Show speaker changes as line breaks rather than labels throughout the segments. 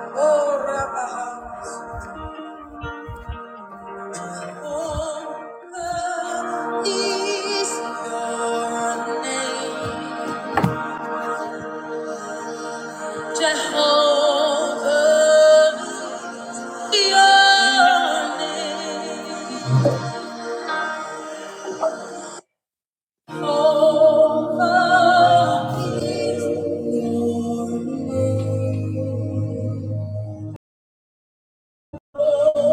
Jehovah is your name.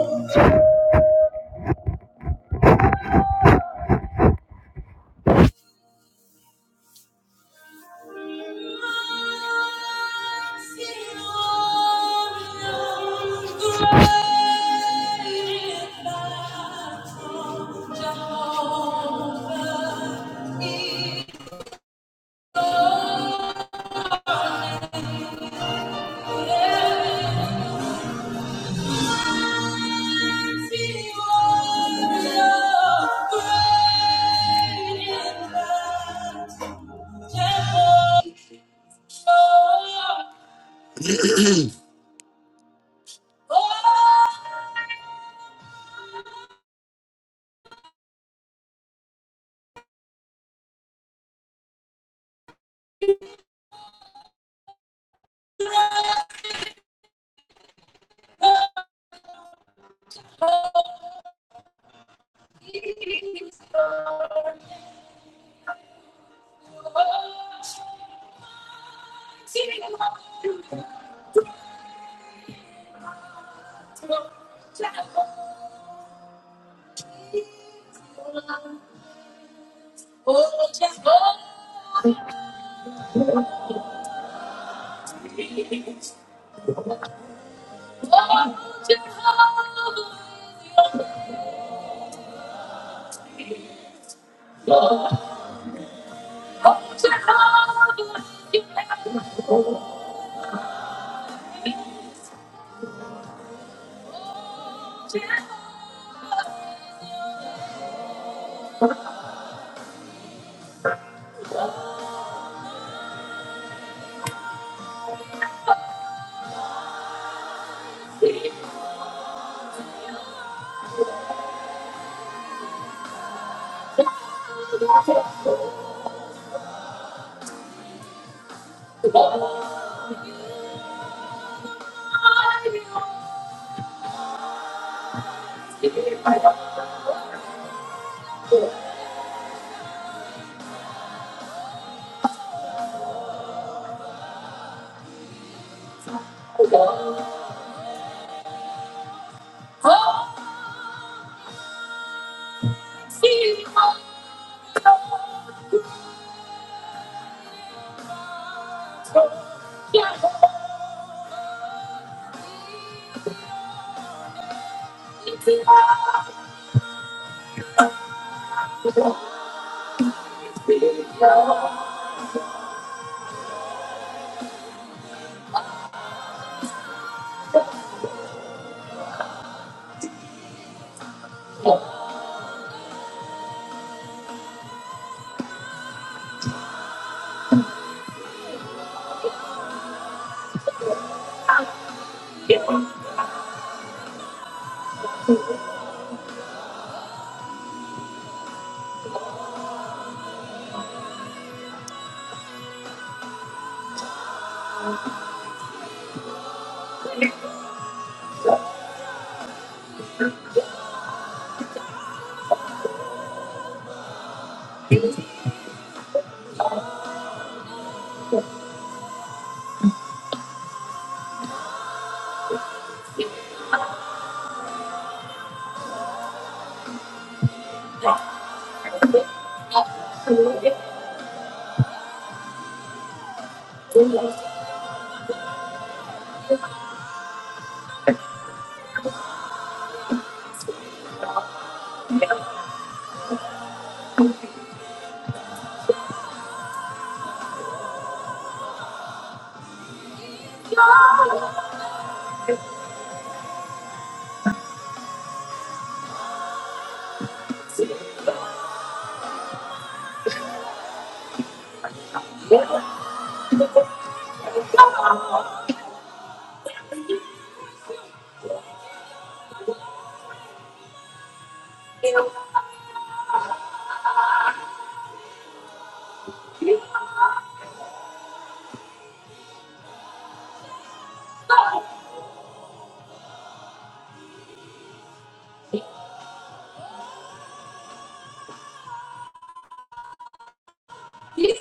Oh, Jehovah,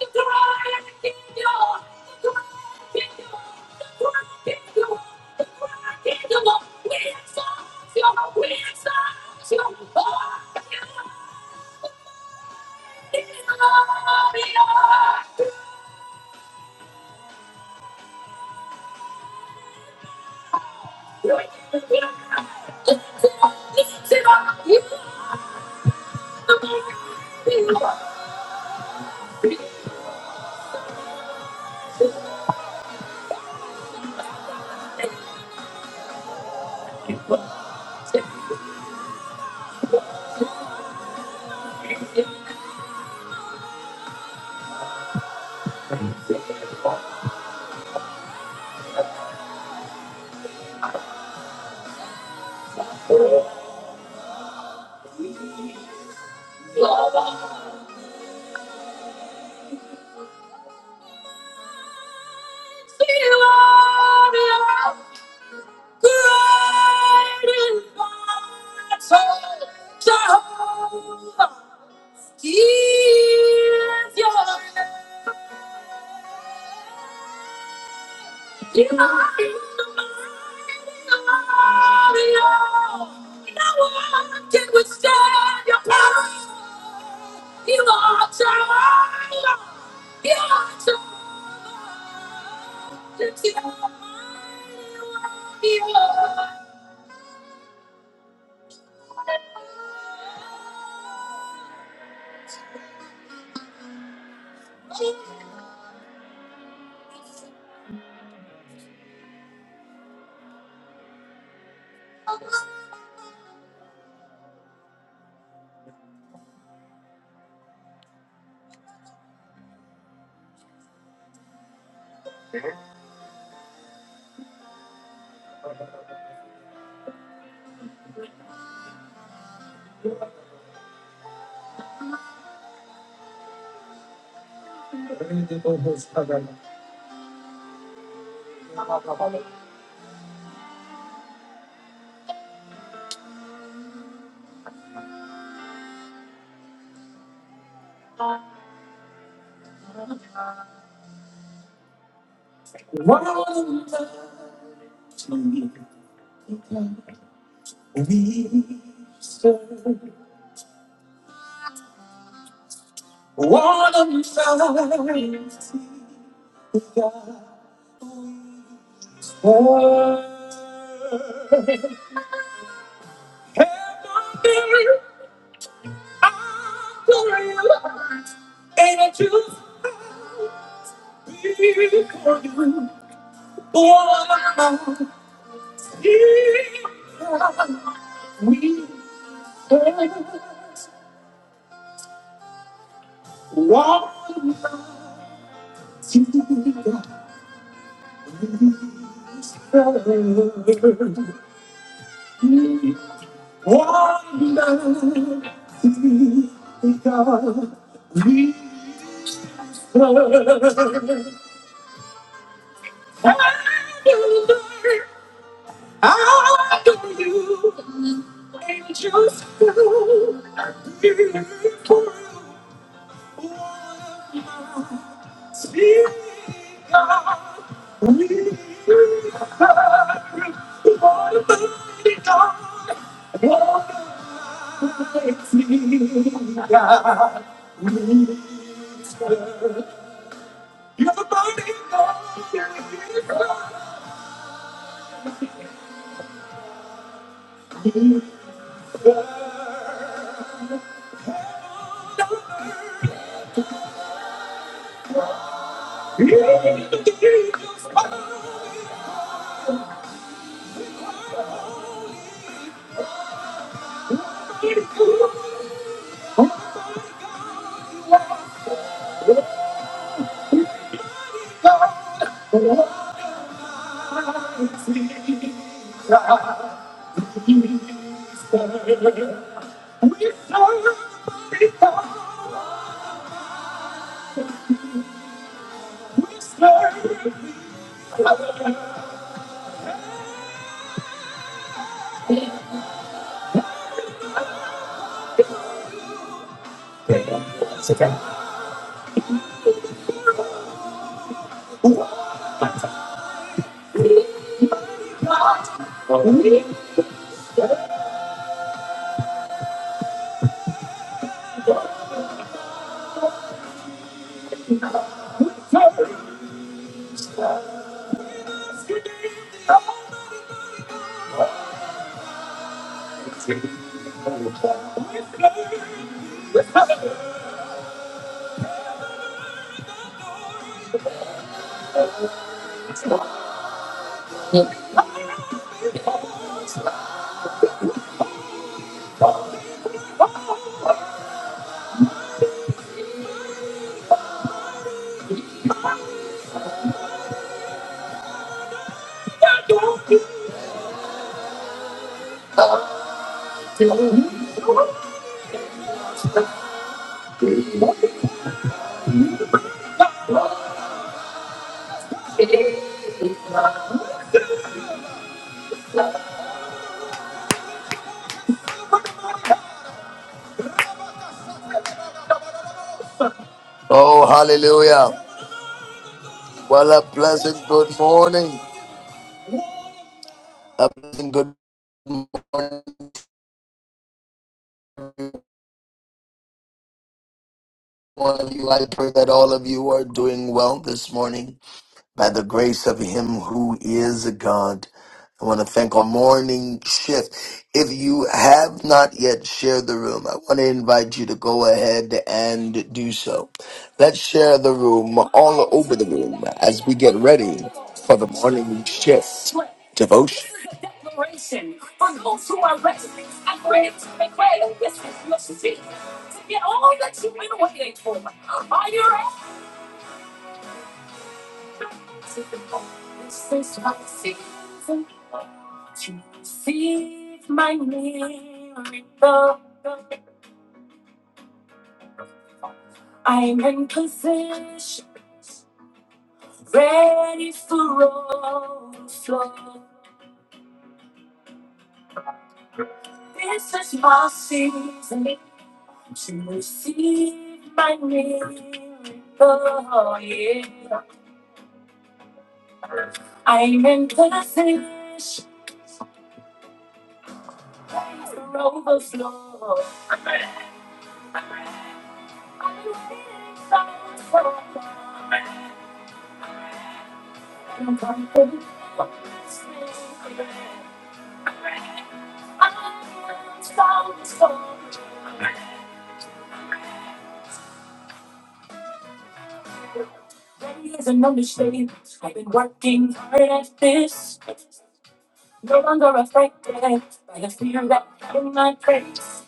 He is your, You are in the You You are. are. No one can withstand your power. You are Jehovah. You are Jehovah. It's your mighty warrior. We serve one of God. Heaven, earth, and glory. And I just before you, oh, here we first one together. One together, we first. Under, under you. How do you? Thank you. Speak up. We are Almighty God. Almighty God. You're the mighty God. Almighty God. Almighty God. Oh, hallelujah. Well, a pleasant good morning. A pleasant good morning, One of you. I pray that all of you are doing well this morning. by the grace of Him who is God. I want to thank our morning shift. If you have not yet shared the room, I want to invite you to go ahead and do so. Let's share the room all over the room as we get ready for the morning shift devotion. This is my season to receive my miracle. I'm in position, ready for overflow. This is my season to receive my miracle. Yeah, I'm in position, ready for overflow. I'm waiting for overflow. I'm confident. There's no mistake. I've been working hard at this. No longer affected by the fear that held my praise.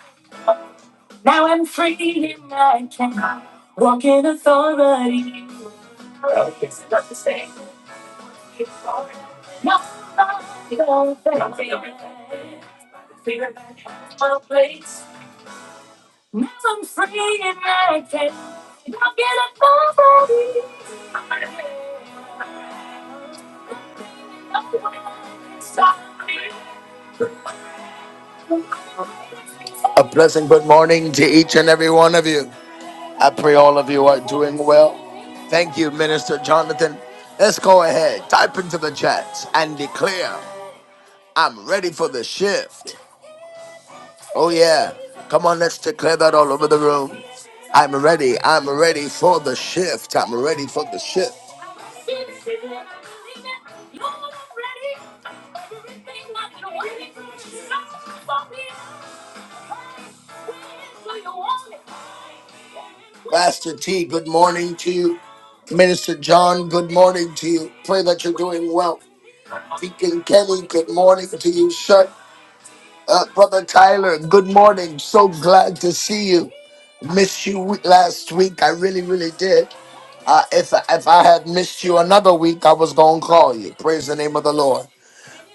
Now I'm free in my can. Walk in authority. It's not the same. No, no, no, no. Fear that held my place. Now I'm free and I can not get a nobody. No one can stop me. A pleasant good morning to each and every one of you. I pray all of you are doing well. Thank you, Minister Jonathan. Let's go ahead, type into the chat and declare I'm ready for the shift. Oh, yeah. Come on, let's declare that all over the room. I'm ready. I'm ready for the shift. I'm ready for the shift. Pastor T, good morning to you. Minister John, good morning to you. Pray that you're doing well. Deacon Kelly, good morning to you, sir. Uh, Brother Tyler, good morning. So glad to see you. Missed you we- last week. I really, really did. Uh, if, if I had missed you another week, I was going to call you. Praise the name of the Lord.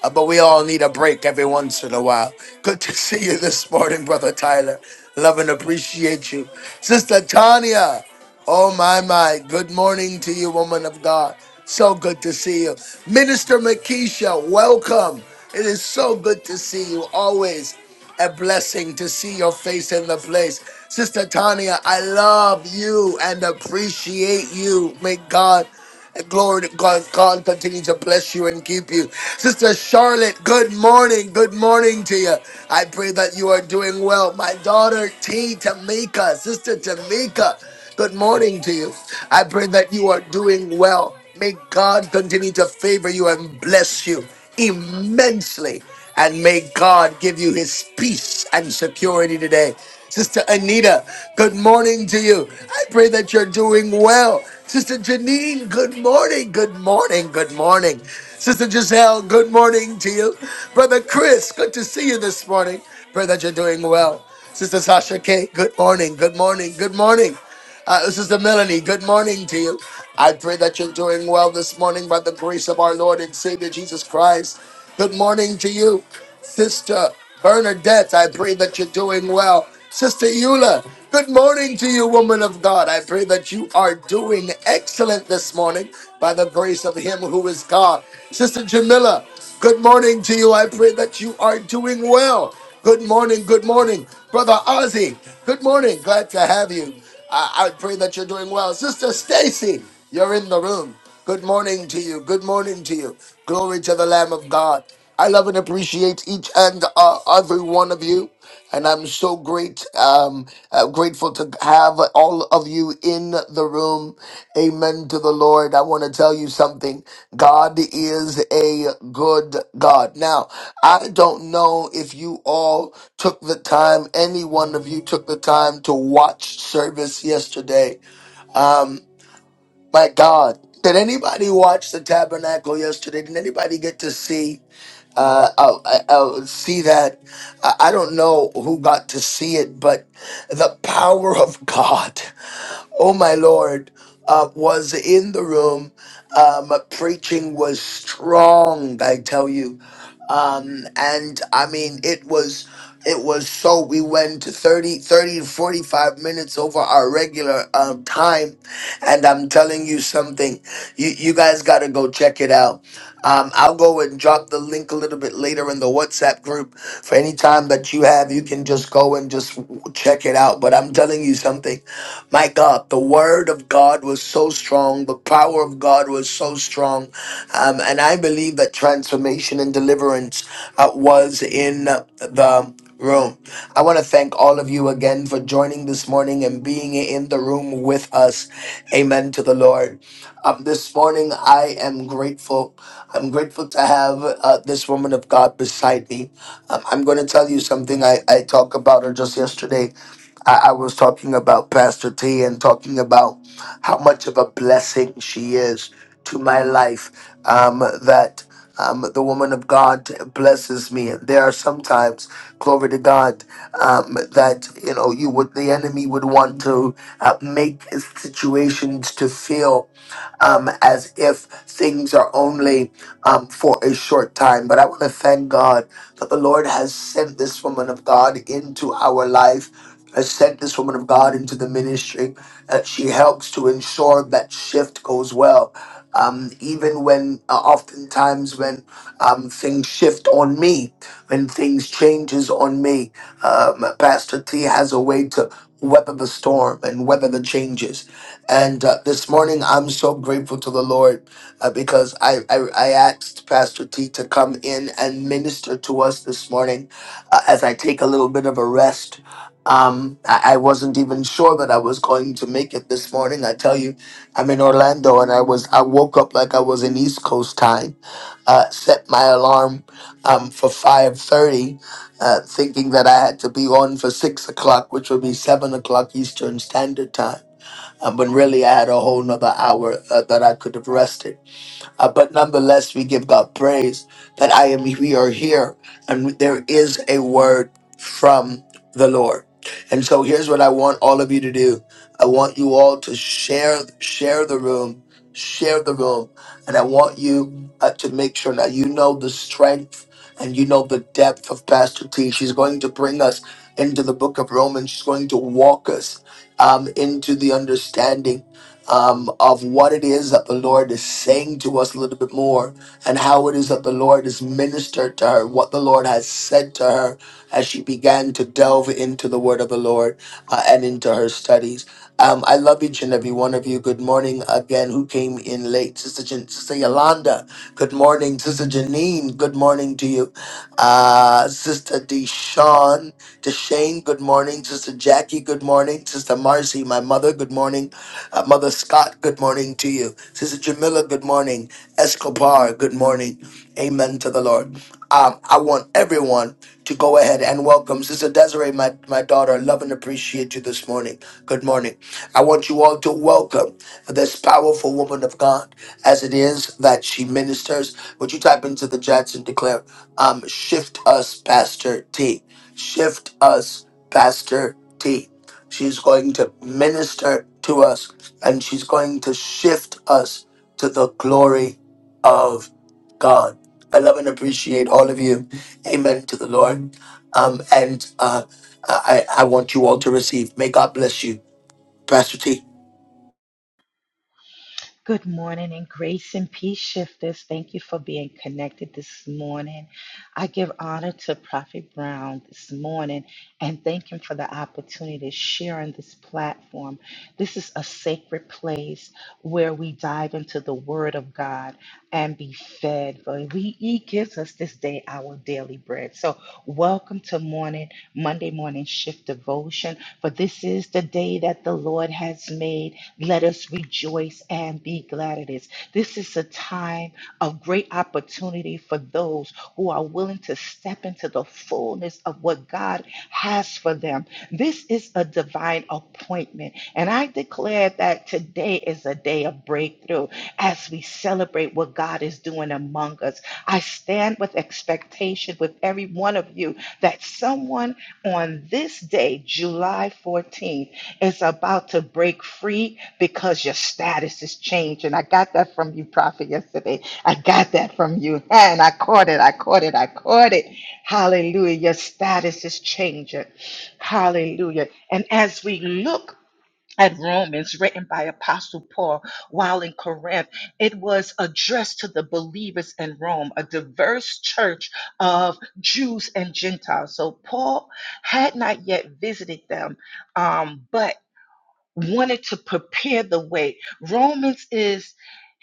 Uh, but we all need a break every once in a while. Good to see you this morning, Brother Tyler. Love and appreciate you. Sister Tanya, oh my, my, good morning to you, woman of God. So good to see you. Minister Makisha, welcome. It is so good to see you always a blessing to see your face in the place. Sister Tania, I love you and appreciate you. May God, glory to God, God continue to bless you and keep you. Sister Charlotte, good morning. Good morning to you. I pray that you are doing well. My daughter T. Tamika, Sister Tamika, good morning to you. I pray that you are doing well. May God continue to favor you and bless you immensely. And may God give you his peace and security today. Sister Anita, good morning to you. I pray that you're doing well. Sister Janine, good morning, good morning, good morning. Sister Giselle, good morning to you. Brother Chris, good to see you this morning. Pray that you're doing well. Sister Sasha K, good morning, good morning, good morning. Uh, this is the Melanie, good morning to you. I pray that you're doing well this morning by the grace of our Lord and Savior Jesus Christ. Good morning to you, Sister Bernadette. I pray that you're doing well. Sister Eula, good morning to you, woman of God. I pray that you are doing excellent this morning by the grace of Him who is God. Sister Jamila, good morning to you. I pray that you are doing well. Good morning, good morning. Brother Ozzy, good morning. Glad to have you. I, I pray that you're doing well. Sister Stacy, you're in the room. Good morning to you. Good morning to you. Glory to the Lamb of God. I love and appreciate each and uh, every one of you, and I'm so great, um, uh, grateful to have all of you in the room. Amen to the Lord. I want to tell you something. God is a good God. Now, I don't know if you all took the time, any one of you took the time to watch service yesterday. Um, my God. Did anybody watch the tabernacle yesterday? Did anybody get to see? Uh, I, I, I see that. I I don't know who got to see it, but the power of God, oh my Lord, uh, was in the room. Um, preaching was strong, I tell you. Um, and I mean, it was, it was so, we went to 30, 30 to 45 minutes over our regular um, time. And I'm telling you something, you, you guys got to go check it out. Um, I'll go and drop the link a little bit later in the WhatsApp group. For any time that you have, you can just go and just check it out. But I'm telling you something. My God, the word of God was so strong. The power of God was so strong. Um, and I believe that transformation and deliverance uh, was in the room. I want to thank all of you again for joining this morning and being in the room with us. Amen to the Lord. Um, this morning, I am grateful. I'm grateful to have uh, this woman of God beside me. Um, I'm going to tell you something I, I talked about her just yesterday. I, I was talking about Pastor T and talking about how much of a blessing she is to my life. Um, that um, the woman of God blesses me. And there are sometimes, glory to God, um, that you know you would the enemy would want to uh, make situations to feel um, as if things are only um, for a short time. But I want to thank God that the Lord has sent this woman of God into our life. Has sent this woman of God into the ministry that she helps to ensure that shift goes well. Um, even when, uh, oftentimes, when um, things shift on me, when things changes on me, um, Pastor T has a way to weather the storm and weather the changes. And uh, this morning, I'm so grateful to the Lord uh, because I, I, I asked Pastor T to come in and minister to us this morning uh, as I take a little bit of a rest. Um, I, I wasn't even sure that I was going to make it this morning. I tell you, I'm in Orlando and I was I woke up like I was in East Coast time. Uh, set my alarm um, for 5:30, uh, thinking that I had to be on for six o'clock, which would be seven o'clock Eastern Standard Time uh, but really, I had a whole nother hour uh, that I could have rested uh, but nonetheless, we give God praise that I am. We are here, and there is a word from the Lord. And so here's what I want all of you to do. I want you all to share share the room, share the room, and I want you uh, to make sure now you know the strength and you know the depth of Pastor T. She's going to bring us into the book of Romans. She's going to walk us um, into the understanding um, of what it is that the Lord is saying to us a little bit more and how it is that the Lord has ministered to her, what the Lord has said to her as she began to delve into the word of the Lord uh, and into her studies. Um, I love each and every one of you. Good morning again, who came in late. Sister, Jan- Sister Yolanda, good morning. Sister Janine, good morning to you. Uh, Sister Deshawn, Deshane, good morning. Sister Jackie, good morning. Sister Marcy, my mother, good morning. Uh, Mother Scott, good morning to you. Sister Jamila, good morning. Escobar, good morning. Amen to the Lord. Um, I want everyone to go ahead and welcome Sister Desiree, my, my daughter. Love and appreciate you this morning. Good morning. I want you all to welcome this powerful woman of God as it is that she ministers. Would you type into the chats and declare, um, Shift us, Pastor T. Shift us, Pastor T. She's going to minister to us and she's going to shift us to the glory of God. I love and appreciate all of you. Amen to the Lord. Um, and uh, I, I want you all to receive. May God bless you, Pastor T.
Good morning and grace and peace shifters. Thank you for being connected this morning. I give honor to Prophet Brown this morning and thank him for the opportunity to share on this platform. This is a sacred place where we dive into the Word of God and be fed. For we, he gives us this day our daily bread. So, welcome to morning, Monday morning shift devotion. For this is the day that the Lord has made let us rejoice and be glad in it. This is a time of great opportunity for those who are willing to step into the fullness of what God has for them. This is a divine appointment. And I declare that today is a day of breakthrough as we celebrate what God is doing among us. I stand with expectation with every one of you that someone on this day, July 14th, is about to break free because your status is changing. I got that from you, Prophet, yesterday. I got that from you. And I caught it. I caught it. I caught it. Hallelujah. Your status is changing. Hallelujah. And as we look at Romans, written by Apostle Paul while in Corinth, it was addressed to the believers in Rome, a diverse church of Jews and Gentiles. So Paul had not yet visited them, um, but wanted to prepare the way. Romans is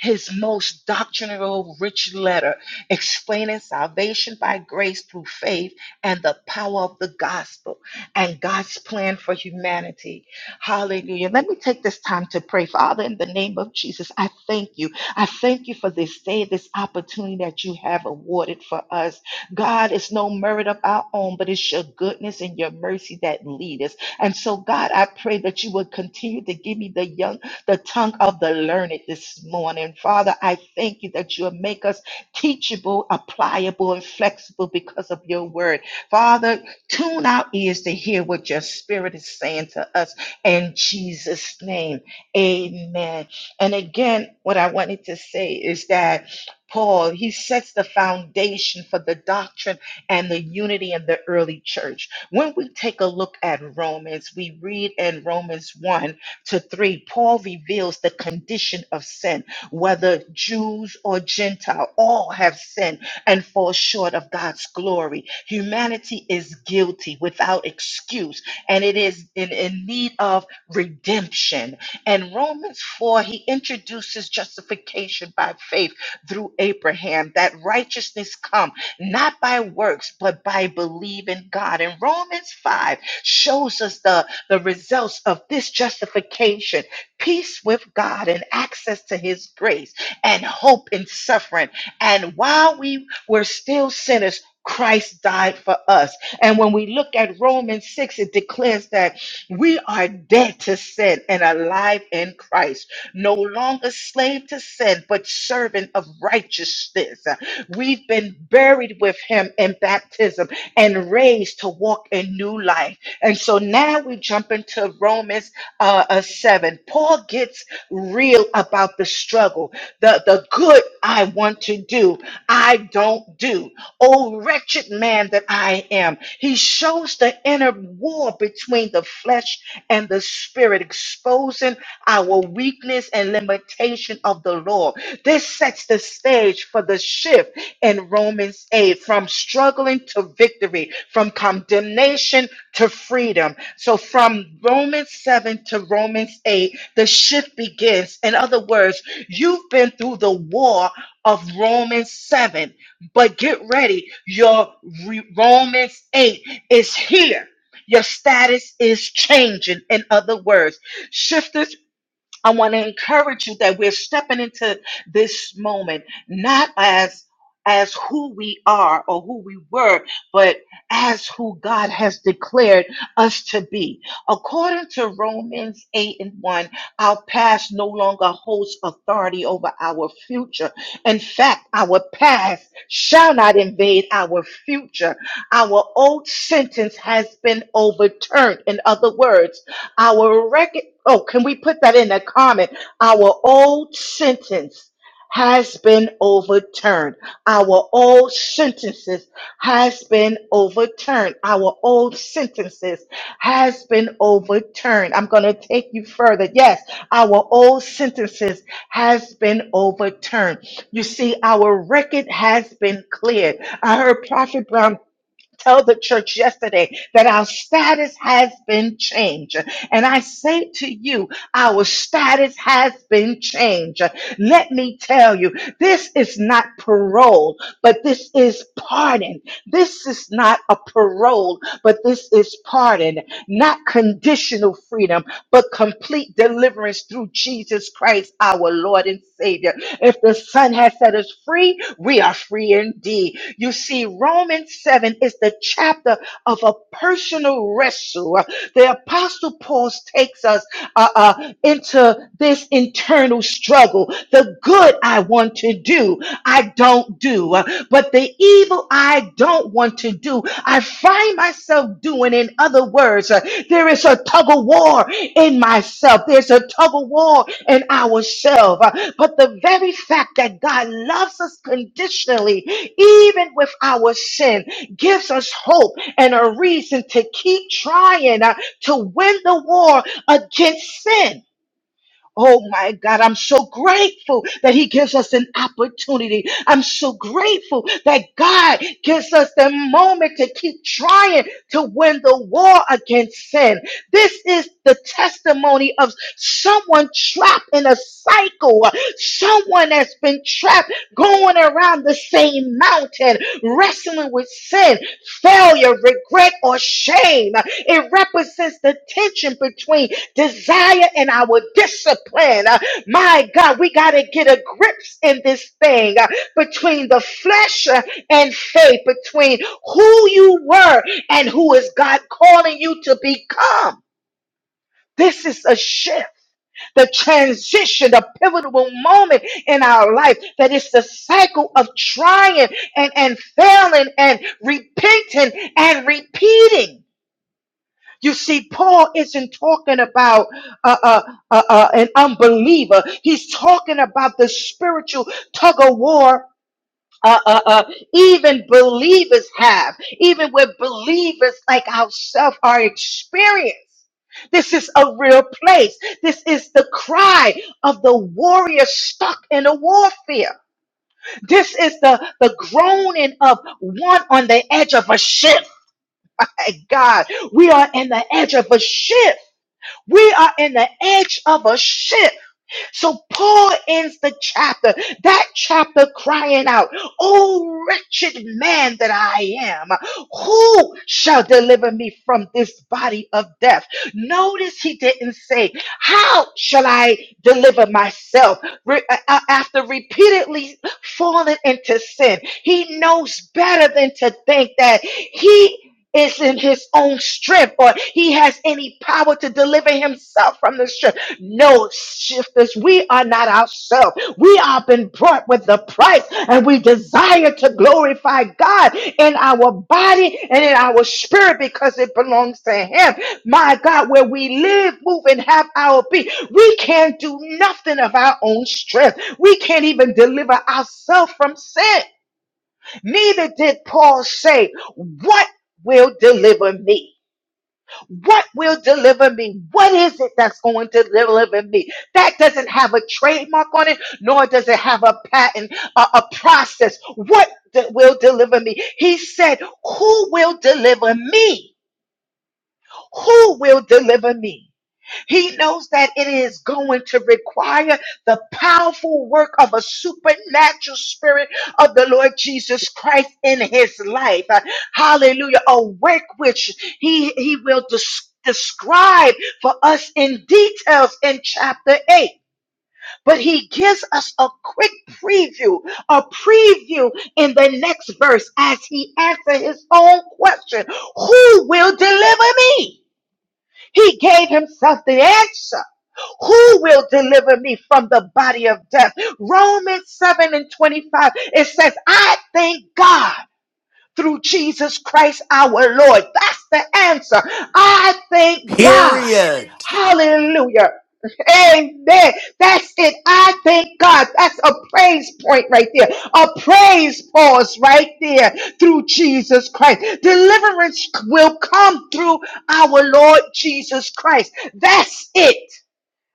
his most doctrinal rich letter, explaining salvation by grace through faith and the power of the gospel and God's plan for humanity. Hallelujah. Let me take this time to pray. Father, in the name of Jesus, I thank you. I thank you for this day, this opportunity that you have awarded for us. God, it's no merit of our own, but it's your goodness and your mercy that lead us. And so, God, I pray that you would continue to give me the young, the tongue of the learned this morning. Father, I thank you that you'll make us teachable, applicable, and flexible because of your word. Father, tune our ears to hear what your spirit is saying to us in Jesus' name. Amen. And again, what I wanted to say is that Paul, he sets the foundation for the doctrine and the unity in the early church. When we take a look at Romans, we read in Romans 1 to 3, Paul reveals the condition of sin, whether Jews or Gentile, all have sinned and fall short of God's glory. Humanity is guilty without excuse, and it is in, in need of redemption. And Romans 4, he introduces justification by faith through Abraham, that righteousness comes not by works, but by believing God. And Romans 5 shows us the, the results of this justification peace with God and access to his grace and hope in suffering. And while we were still sinners, Christ died for us. And when we look at Romans 6, it declares that we are dead to sin and alive in Christ, no longer slave to sin, but servant of righteousness. We've been buried with him in baptism and raised to walk in new life. And so now we jump into Romans uh, uh, 7. Paul gets real about the struggle. The, the good I want to do, I don't do. Oh, wretched man that I am. He shows the inner war between the flesh and the spirit, exposing our weakness and limitation of the law. This sets the stage for the shift in Romans 8 from struggling to victory, from condemnation to freedom. So from Romans 7 to Romans 8, the shift begins. In other words, you've been through the war of Romans 7, but get ready. Your re- Romans 8 is here. Your status is changing. In other words, shifters I want to encourage you that we're stepping into this moment not as as who we are or who we were, but as who God has declared us to be. According to Romans 8 and 1, our past no longer holds authority over our future. In fact, our past shall not invade our future. Our old sentence has been overturned. In other words, our record. Oh, can we put that in the comment? Our old sentence has been overturned. Our old sentences has been overturned. Our old sentences has been overturned. I'm going to take you further. Yes, our old sentences has been overturned. You see, our record has been cleared. I heard Prophet Brown tell the church yesterday that our status has been changed. And I say to you, our status has been changed. Let me tell you, this is not parole, but this is pardon. This is not a parole, but this is pardon, not conditional freedom but complete deliverance through Jesus Christ, our Lord and Savior. If the Son has set us free, we are free indeed. You see, Romans 7 is the chapter of a personal wrestle. The Apostle Paul takes us uh, uh, into this internal struggle. The good I want to do, I don't do, uh, but the evil I don't want to do, I find myself doing. In other words, uh, there is a tug of war in myself. There's a tug of war in ourselves. Uh, But the very fact that God loves us conditionally, even with our sin, gives us hope and a reason to keep trying uh, to win the war against sin. Oh my God, I'm so grateful that He gives us an opportunity. I'm so grateful that God gives us the moment to keep trying to win the war against sin. This is the testimony of someone trapped in a cycle, someone that's been trapped going around the same mountain, wrestling with sin, failure, regret, or shame. It represents the tension between desire and our discipline. Uh, My God, we got to get a grips in this thing uh, between the flesh uh, and faith, between who you were and who is God calling you to become. This is a shift, the transition, the pivotal moment in our life that is the cycle of trying and, and failing and repenting and repeating. You see, Paul isn't talking about uh, uh, uh, uh, an unbeliever. He's talking about the spiritual tug of war. Uh, uh, uh, even believers have, even with believers like ourselves are experienced. This is a real place. This is the cry of the warrior stuck in a warfare. This is the, the groaning of one on the edge of a ship. Hey, God, we are in the edge of a ship. We are in the edge of a shift. So Paul ends the chapter, that chapter crying out, Oh, wretched man that I am, who shall deliver me from this body of death? Notice he didn't say, How shall I deliver myself? Re- a- a- after repeatedly falling into sin, he knows better than to think that he is in his own strength or he has any power to deliver himself from the strength no shifters. We are not ourselves. We have been bought with the price, and we desire to glorify God in our body and in our spirit because it belongs to Him. My God, where we live, move, and have our being, we can't do nothing of our own strength. We can't even deliver ourselves from sin. Neither did Paul say, What will deliver me? What will deliver me? What is it that's going to deliver me? That doesn't have a trademark on it, nor does it have a patent, a, a process. What that will deliver me? He said, Who will deliver me? Who will deliver me? He knows that it is going to require the powerful work of a supernatural spirit of the Lord Jesus Christ in his life. Uh, Hallelujah. A work which he, he will des- describe for us in details in chapter 8. But he gives us a quick preview, a preview in the next verse as he answers his own question Who will deliver me? He gave himself the answer. Who will deliver me from the body of death? Romans 7 and 25, it says, I thank God through Jesus Christ our Lord. That's the answer. I thank God.
Period.
Hallelujah. Amen. That's it. I thank God. That's a praise point right there. A praise pause right there through Jesus Christ. Deliverance will come through our Lord Jesus Christ. That's it.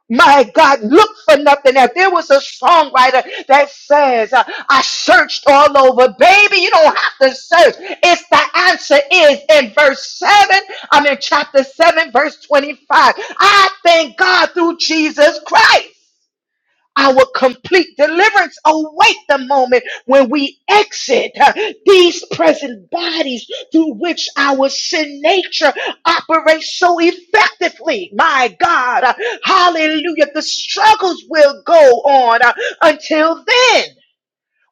My God, look for nothing else. There was a songwriter that says, uh, I searched all over. Baby, you don't have to search. It's the answer is in verse 7. I'm in chapter 7, verse 25. I thank God through Jesus Christ. Our complete deliverance await the moment when we exit uh, these present bodies through which our sin nature operates so effectively. My God, uh, hallelujah. The struggles will go on uh, until then.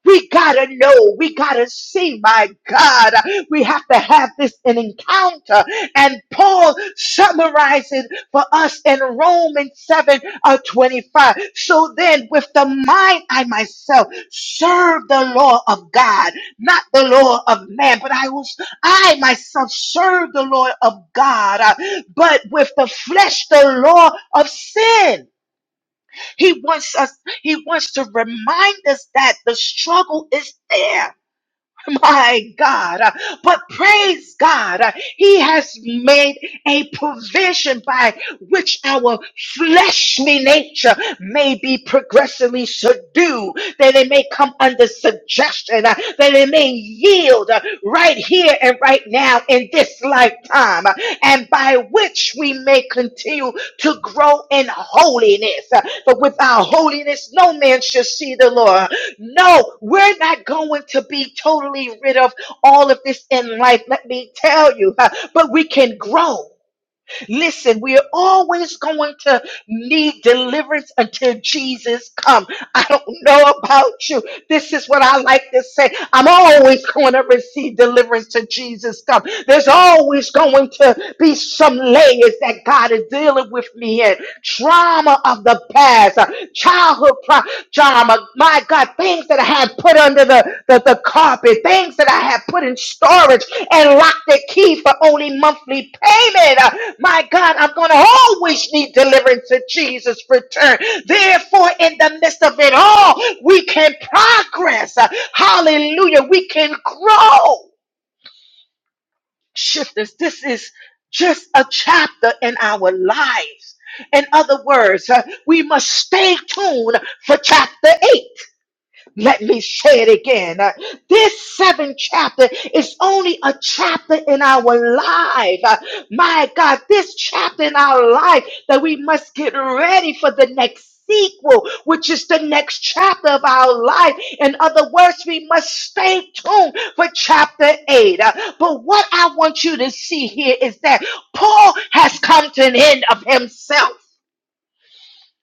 We gotta know. We gotta see. My God, we have to have this an encounter. And Paul summarizes for us in Romans 7 uh, 25. So then, with the mind, I myself serve the law of God, not the law of man, but I will, I myself serve the law of God, uh, but with the flesh, the law of sin. He wants us, he wants to remind us that the struggle is there. my God. Uh, But praise God, uh, He has made a provision by which our fleshly nature may be progressively subdued, that it may come under suggestion, uh, that it may yield uh, right here and right now in this lifetime, uh, and by which we may continue to grow in holiness. Uh, For without holiness, no man shall see the Lord. No, we're not going to be totally rid of all of this in life, let me tell you, huh, but we can grow. Listen, we are always going to need deliverance until Jesus comes. I don't know about you. This is what I like to say. I'm always going to receive deliverance to Jesus comes. There's always going to be some layers that God is dealing with me in. Trauma of the past, uh, childhood pro- drama. My God, things that I had put under the, the, the carpet, things that I had put in storage and lock the key for only monthly payment. Uh, My God, I'm going to always need deliverance in Jesus' return. Therefore, in the midst of it all, we can progress. Uh, Hallelujah. We can grow. Shifters, this is just a chapter in our lives. In other words, uh, we must stay tuned for chapter 8 let me say it again. Uh, This seventh chapter is only a chapter in our life. Uh, My God, this chapter in our life that we must get ready for the next sequel, which is the next chapter of our life. In other words, we must stay tuned for chapter 8. Uh, But what I want you to see here is that Paul has come to an end of himself.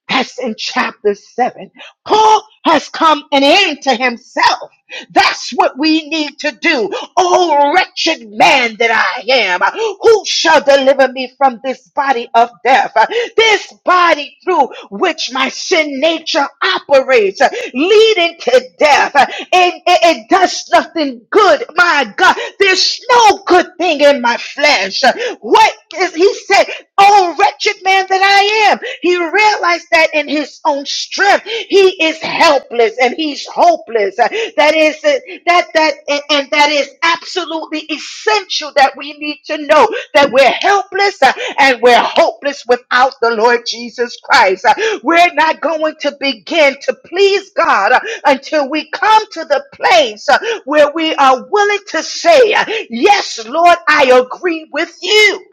That's in chapter 7. Paul has come and into himself. That's what we need to do. Oh, wretched man that I am, who shall deliver me from this body of death? This body through which my sin nature operates, leading to death, and it, does nothing good. My God, there's no good thing in my flesh. What is he said? Oh, wretched man that I am. He realized that in his own strength strength. He is helpless and he's hopeless. Uh, That is uh, that that and and that is absolutely essential that we need to know that we're helpless uh, and we're hopeless without the Lord Jesus Christ. Uh, We're not going to begin to please God uh, until we come to the place uh, where we are willing to say, uh, "Yes, Lord, I agree with you."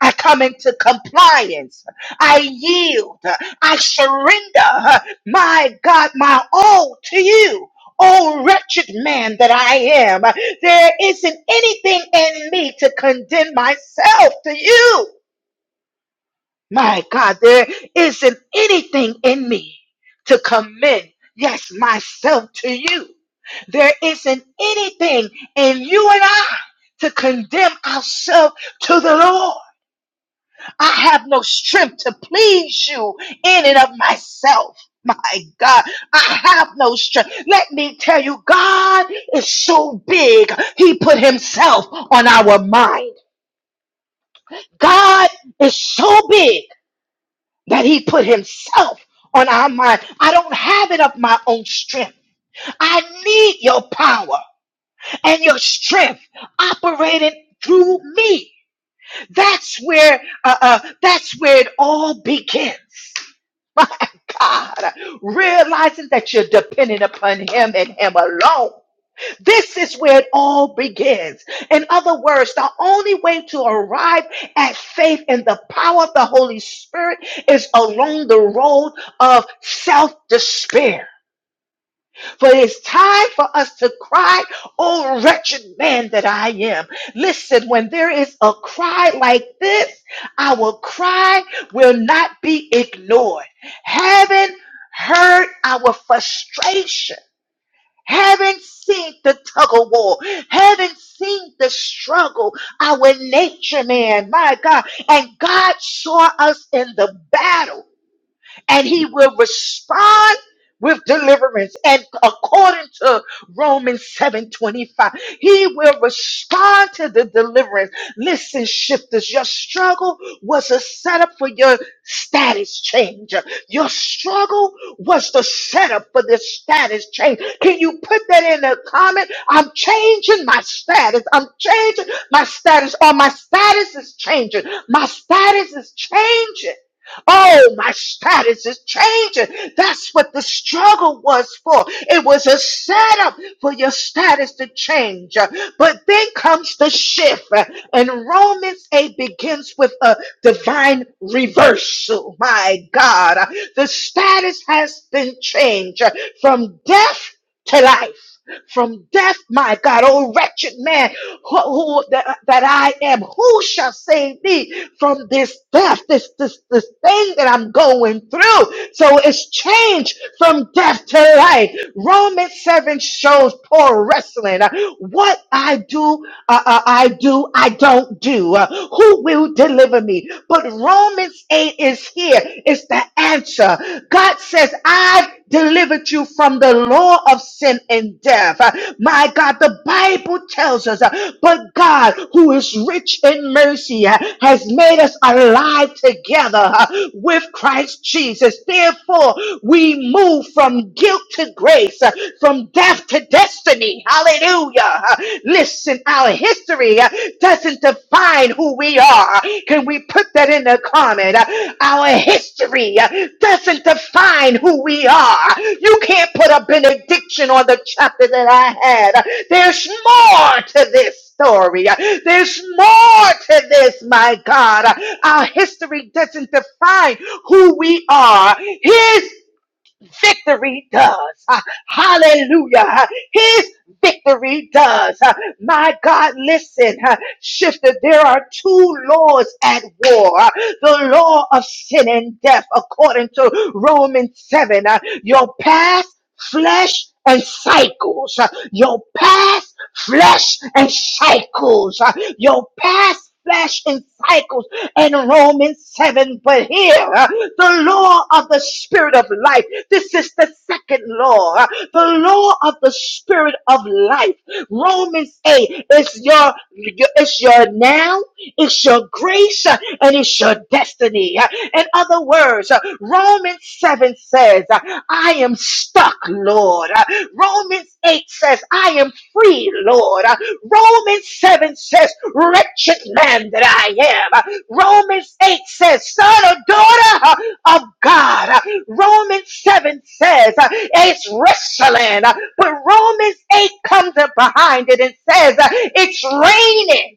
I come into compliance. I yield. I surrender, my God, my all to you. Oh, wretched man that I am, there isn't anything in me to condemn myself to you. My God, there isn't anything in me to commend, yes, myself to you. There isn't anything in you and I to condemn ourselves to the Lord. I have no strength to please you in and of myself. My God, I have no strength. Let me tell you, God is so big, He put Himself on our mind. God is so big that He put Himself on our mind. I don't have it of my own strength. I need your power and your strength operating through me. That's where uh, uh, that's where it all begins. My God, realizing that you're dependent upon Him and Him alone. This is where it all begins. In other words, the only way to arrive at faith in the power of the Holy Spirit is along the road of self despair. For it's time for us to cry, oh wretched man that I am. Listen, when there is a cry like this, our cry will not be ignored. Having heard our frustration, having seen the tug of war, having seen the struggle, our nature man, my God, and God saw us in the battle and he will respond with deliverance and according to romans 7.25 he will respond to the deliverance listen shifters your struggle was a setup for your status change your struggle was the setup for the status change can you put that in the comment i'm changing my status i'm changing my status or my status is changing my status is changing Oh, my status is changing. That's what the struggle was for. It was a setup for your status to change. But then comes the shift. And Romans 8 begins with a divine reversal. My God, the status has been changed from death to life from death, my God. Oh, wretched man who, who- that, that I am, who shall save me from this death, this, this, this thing that I'm going through? So it's changed from death to life. Romans 7 shows Paul wrestling. Uh, What I do, uh, uh, I do, I don't do. Uh, Who will deliver me? But Romans verse 8 is here. It's the answer. God says, I've delivered you from the law of sin and death. Uh, My God, the Bible tells us, uh, but God, who is rich in mercy, uh, has made us alive together uh, with Christ Jesus. Therefore, we move from guilt to grace, uh, from death to destiny. Hallelujah. Listen, our history uh, doesn't define who we are. Can we put that in the comment? Uh, Our history uh, doesn't define who we are. You can't put a benediction on the chapter that I had. There's more to this story. There's more to this, my God. Our history doesn't define who we are. His victory does. Ah, Hallelujah. Ah, His victory does. Ah, My God, listen, ah, shifter, there are two laws at war. Ah, The law of sin and death, according to Romans 7. Ah, Your past, flesh, and cycles. Ah, Your past, flesh, and cycles. Ah, Your past, flesh, and cycles and Romans 7. But here, uh, the law of the spirit of life, this is the second law, uh, the law of the spirit of life. Romans 8 is your, your it's your now, it's your grace, uh, and it's your destiny. Uh, In other words, uh, Romans 7 says, uh, I am stuck, Lord. Uh, Romans 8 says, I am free, Lord. Uh, Romans 7 says, Wretched man that I am. Uh, Romans 8 says, son or daughter uh, of God. Uh, Romans 7 says uh, it's wrestling. Uh, But Romans 8 comes up behind it and says uh, it's raining.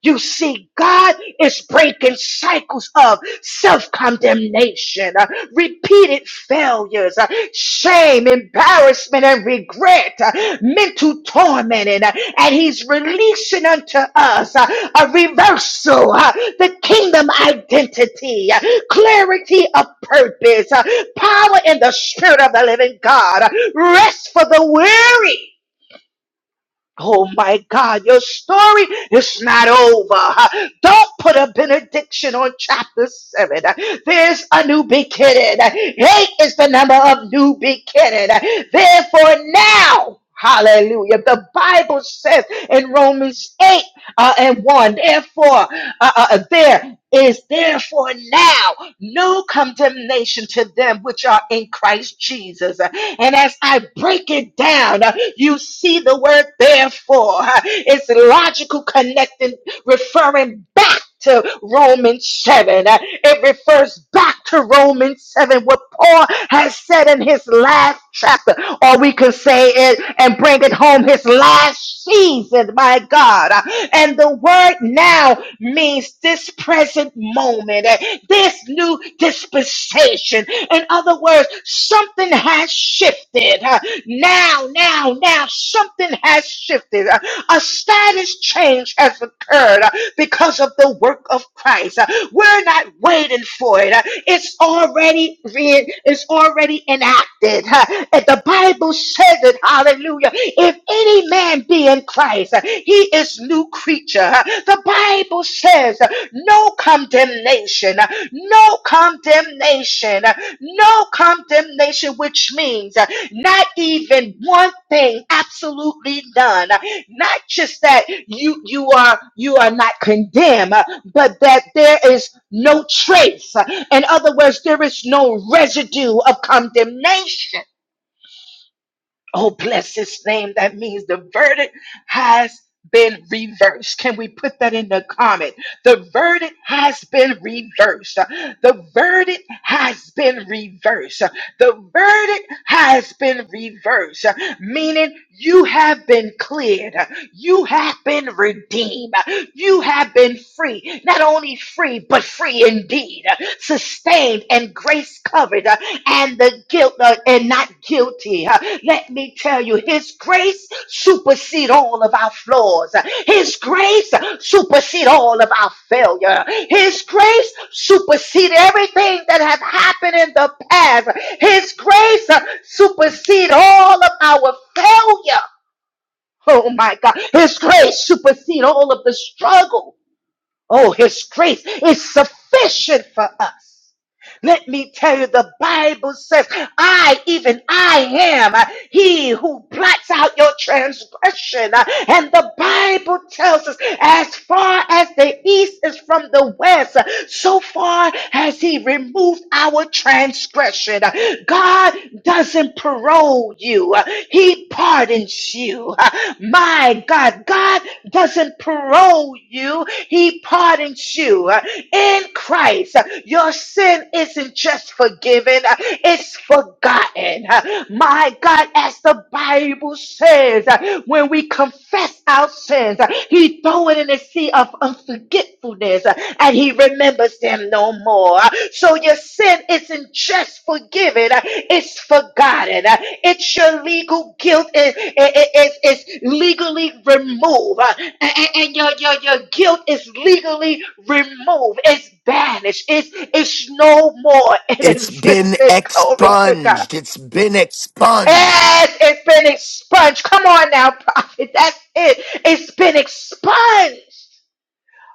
You see, God is breaking cycles of self condemnation, repeated failures, uh, shame, embarrassment, and regret, uh, mental torment, and, uh, and He's releasing unto us uh, a reversal, uh, the kingdom identity, uh, clarity of purpose, uh, power in the spirit of the living God, uh, rest for the weary Oh my God, your story is not over. Don't put a benediction on chapter 7. There's a new beginning. 8 is the number of new beginning. Therefore, now, hallelujah, the Bible says in Romans 8 uh, and 1, therefore, uh, uh, there is therefore now no condemnation to them which are in Christ Jesus. And as I break it down, uh, you see the word therefore. uh, It's logical connecting, referring back to Romans 7. Uh, It refers back to Romans 7, what Paul has said in his last chapter, or we could say it and bring it home his last season, my God. Uh, And the word now means this present moment, uh, this new dispensation. In other words, something has shifted. Uh, Now, now, now, something has shifted. Uh, A status change has occurred. Uh, because of the work of Christ. Uh, We're not waiting for it. Uh, It's already read, it's already enacted. Uh, And the Bible says it, hallelujah. If any man be in Christ, uh, he is new creature. Uh, The Bible says uh, no condemnation, uh, no condemnation no condemnation, which means uh, not even one thing, absolutely none. Uh, Not just that you you are you are not condemned, uh, but that there is no trace. Uh, In other words, there is no residue of condemnation Oh, bless his name. That means the verdict has been reversed. Can we put that in the comment? The verdict has been reversed. The verdict has been reversed. The verdict has been reversed, meaning you have been cleared. You have been redeemed. You have been free. Not only free, but free indeed. Sustained and grace covered uh, and the guilt uh, and not guilty. Uh, Let me tell you, his grace supersede all of our flaws. Uh, His grace supersede all of our failure. His grace supersede everything that has happened in the past. His grace uh, supersede all of our failure. Oh my God. His grace supersedes all of the struggle. Oh, his grace is sufficient for us. Let me tell you, the Bible says, I, even I am uh, he who blots out your transgression. Uh, And the Bible tells us, as far as the east is from the west, uh, so far has he removed our transgression. Uh, God doesn't parole you, Uh, he pardons you. Uh, My God, God doesn't parole you, he pardons you uh, in Christ. Uh, Your sin isn't just forgiven, uh, it's forgotten. Uh, My God, as the Bible says, uh, when we confess our sins, uh, He throws it in the sea of unforgetfulness uh, and He remembers them no more. So your sin isn't just forgiven, it's forgotten. It's your legal guilt is, is, is legally removed. And and your, your, your guilt is legally removed. It's banished. It's, it's no more in
It's been
existence. Glory to God.
expunged. It's been expunged.
Yes, it's been expunged. Come on now, prophet. That's it. It's been expunged.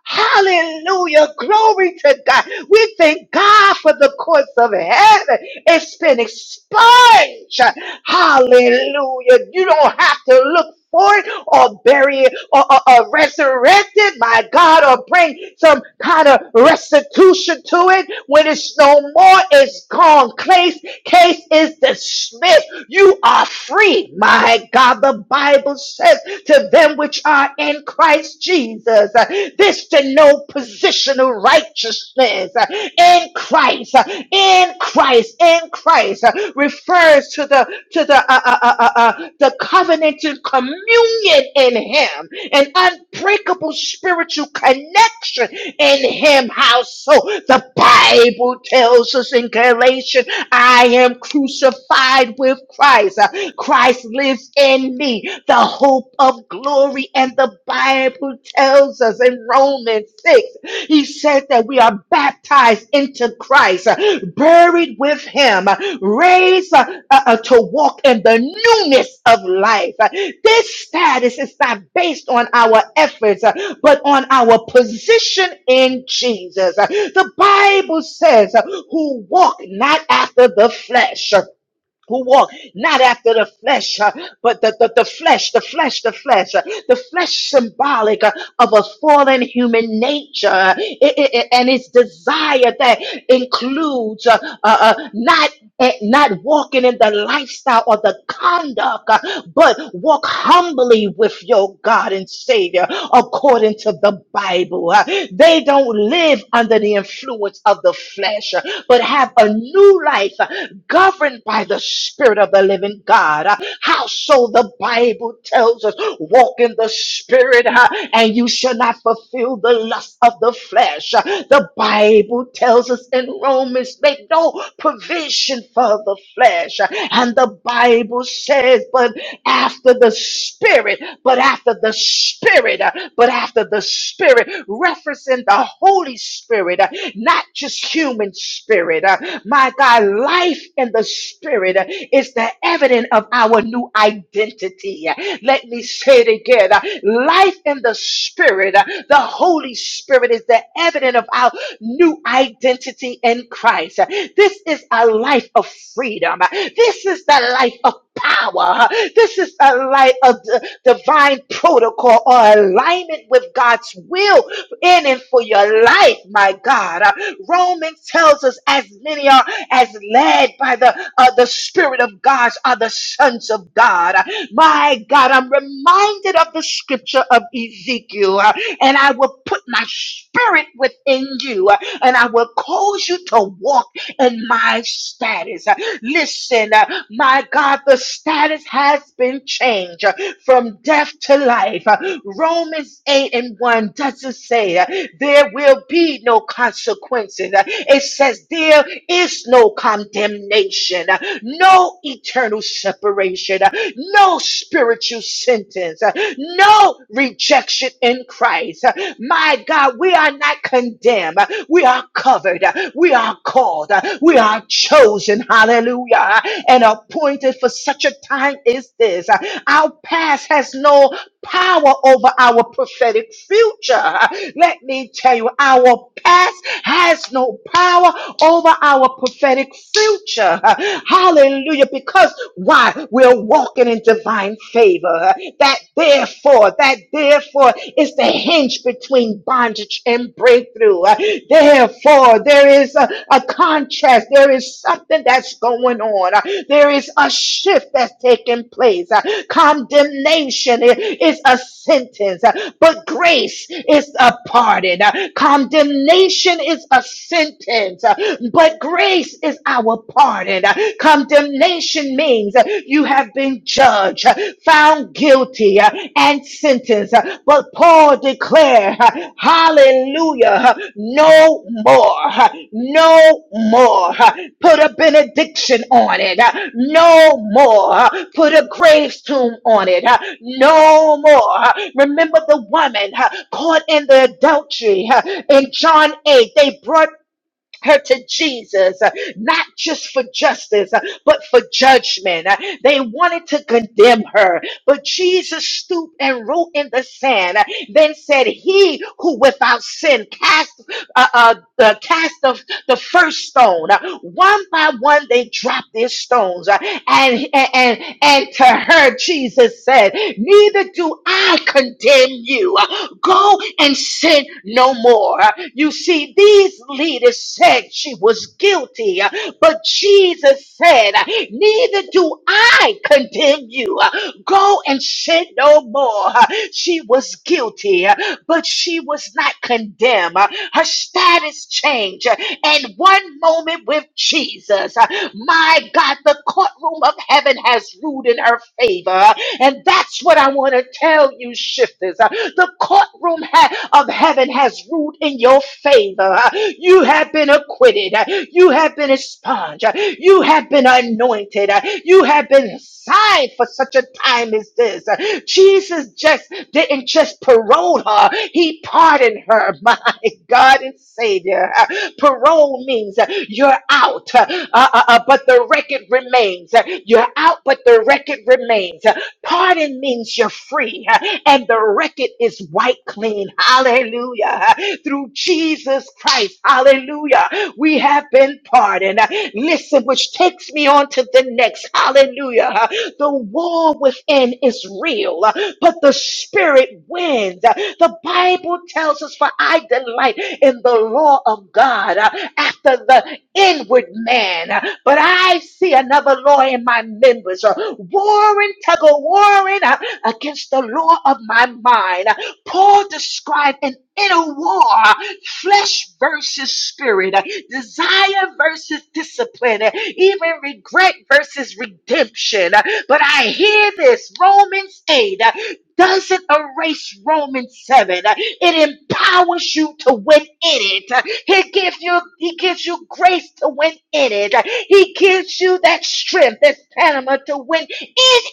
Hallelujah. Glory to God. We thank God for the courts of heaven. It's been expunged. Hallelujah. You don't have to look for it or bury it or, or, or resurrect it, my God, or bring some kind of restitution to it. When it's no more, it's gone. Case, case is dismissed. You are free, my God. The Bible says to them which are in Christ Jesus. Uh, This to know positional righteousness uh, in Christ, uh, in Christ, in Christ uh, refers to the to the uh, uh, uh, uh, uh, the covenanted communion in Him, an unbreakable spiritual connection in Him. How so? The Bible tells us in Galatians, "I am crucified with Christ." Christ lives in me, the hope of glory. And the Bible tells us in Romans 6, he says that we are baptized into Christ, buried with him, raised uh, uh, to walk in the newness of life. This status is not based on our efforts, uh, but on our position in Jesus. The Bible says, uh, who walk not after the flesh who walk not after the flesh, uh, but the, the, the flesh, the flesh, the flesh, uh, the flesh symbolic uh, of a fallen human nature uh, i- i- i- and its desire that includes uh, uh, uh, not eh, not walking in the lifestyle or the conduct, uh, but walk humbly with your God and Savior according to the Bible. Uh, They don't live under the influence of the flesh, Uh, but have a new life uh, governed by the Spirit of the living God. Uh, How so the Bible tells us, walk in the Spirit uh, and you shall not fulfill the lust of the flesh. Uh, The Bible tells us in Romans, make no provision for the flesh. Uh, And the Bible says, but after the spirit, but after the spirit, uh, but after the spirit, referencing the Holy Spirit, uh, not just human spirit. uh, My God, life in the spirit uh, is the evidence of our new identity. Uh, Let me say it again. uh, Life in the spirit, uh, the Holy Spirit is the evidence of our new identity in Christ. This is a life of freedom. This is the life of power. This is a life of divine protocol or alignment with God's will in and for your life, my God. Uh, Romans tells us as many are as led by the uh, the Spirit of God are the sons of God. Uh, My God, I'm reminded of the scripture of Ezekiel and I will put my spirit within you, uh, and I will cause you to walk in my status. Uh, Listen, uh, my God, the status has been changed uh, from death to life. Uh, Romans 8 and 1 doesn't say uh, there will be no consequences. Uh, It says there is no condemnation, uh, no eternal separation, uh, no spiritual sentence, uh, no rejection in Christ. Uh, My God, we are not condemned. Uh, We are covered. Uh, We are called. Uh, We are chosen. Hallelujah. Uh, And appointed for such a time as this. Uh, Our past has no power over our prophetic future. Let me tell you, our past has no power over our prophetic future. Hallelujah. Because why? We're walking in divine favor. That therefore, that therefore is the hinge between bondage and breakthrough. Therefore, there is a, a contrast. There is something that's going on. Uh, There is a shift that's taking place. Uh, Condemnation i- is a sentence, uh, but grace is a pardon. Uh, Condemnation is a sentence, uh, but grace is our pardon. Uh, Condemnation means uh, you have been judged, uh, found guilty uh, and sentenced. Uh, But Paul declared, uh, hallelujah, uh, no more, uh, no more. uh, Put a benediction on it, uh, no more. uh, Put a grave's tomb on it, uh, no more. uh, Remember the woman uh, caught in the adultery uh, in John 8. They brought her to Jesus, uh, not just for justice, uh, but for judgment. Uh, They wanted to condemn her, but Jesus stooped and wrote in the sand, uh, then said, He who without sin cast, uh, uh, uh, cast of the first stone. Uh, One by one, they dropped their stones. uh, and, and and to her, Jesus said, Neither do I condemn you. Go and sin no more. You see, these leaders said she was guilty, but Jesus said, Neither do I condemn you. Go and sin no more. She was guilty but she was not condemned. Uh, Her status changed. Uh, And one moment with Jesus, uh, my God, the courtroom of heaven has ruled in her favor. Uh, And that's what I want to tell you, shifters. Uh, The courtroom ha- of heaven has ruled in your favor. Uh, You have been acquitted. Uh, You have you have been expunged. You have been anointed. You have been signed for such a time as this. Jesus just didn't just parole her. He pardoned her. My God and Savior. Parole means you're out, uh, uh, uh, but the record remains. You're out, but the record remains. Pardon means you're free, uh, and the record is white clean. Hallelujah. Through Jesus Christ. Hallelujah. We have been pardoned. Listen, which takes me on to the next. Hallelujah. The war within is real, but the spirit wins. The Bible tells us, for I delight in the law of God uh, after the inward man. But I see another law in my members, uh, warring, tug of warring uh, against the law of my mind. Paul described an inner war flesh versus spirit, uh, desire versus discipline, uh, even regret versus redemption. Uh, But I hear this Romans 8 uh, doesn't erase Romans 7. Uh, It empowers you to win in it. Uh, He gives you he gives you grace to win in it. Uh, He gives you that strength, that stamina to win in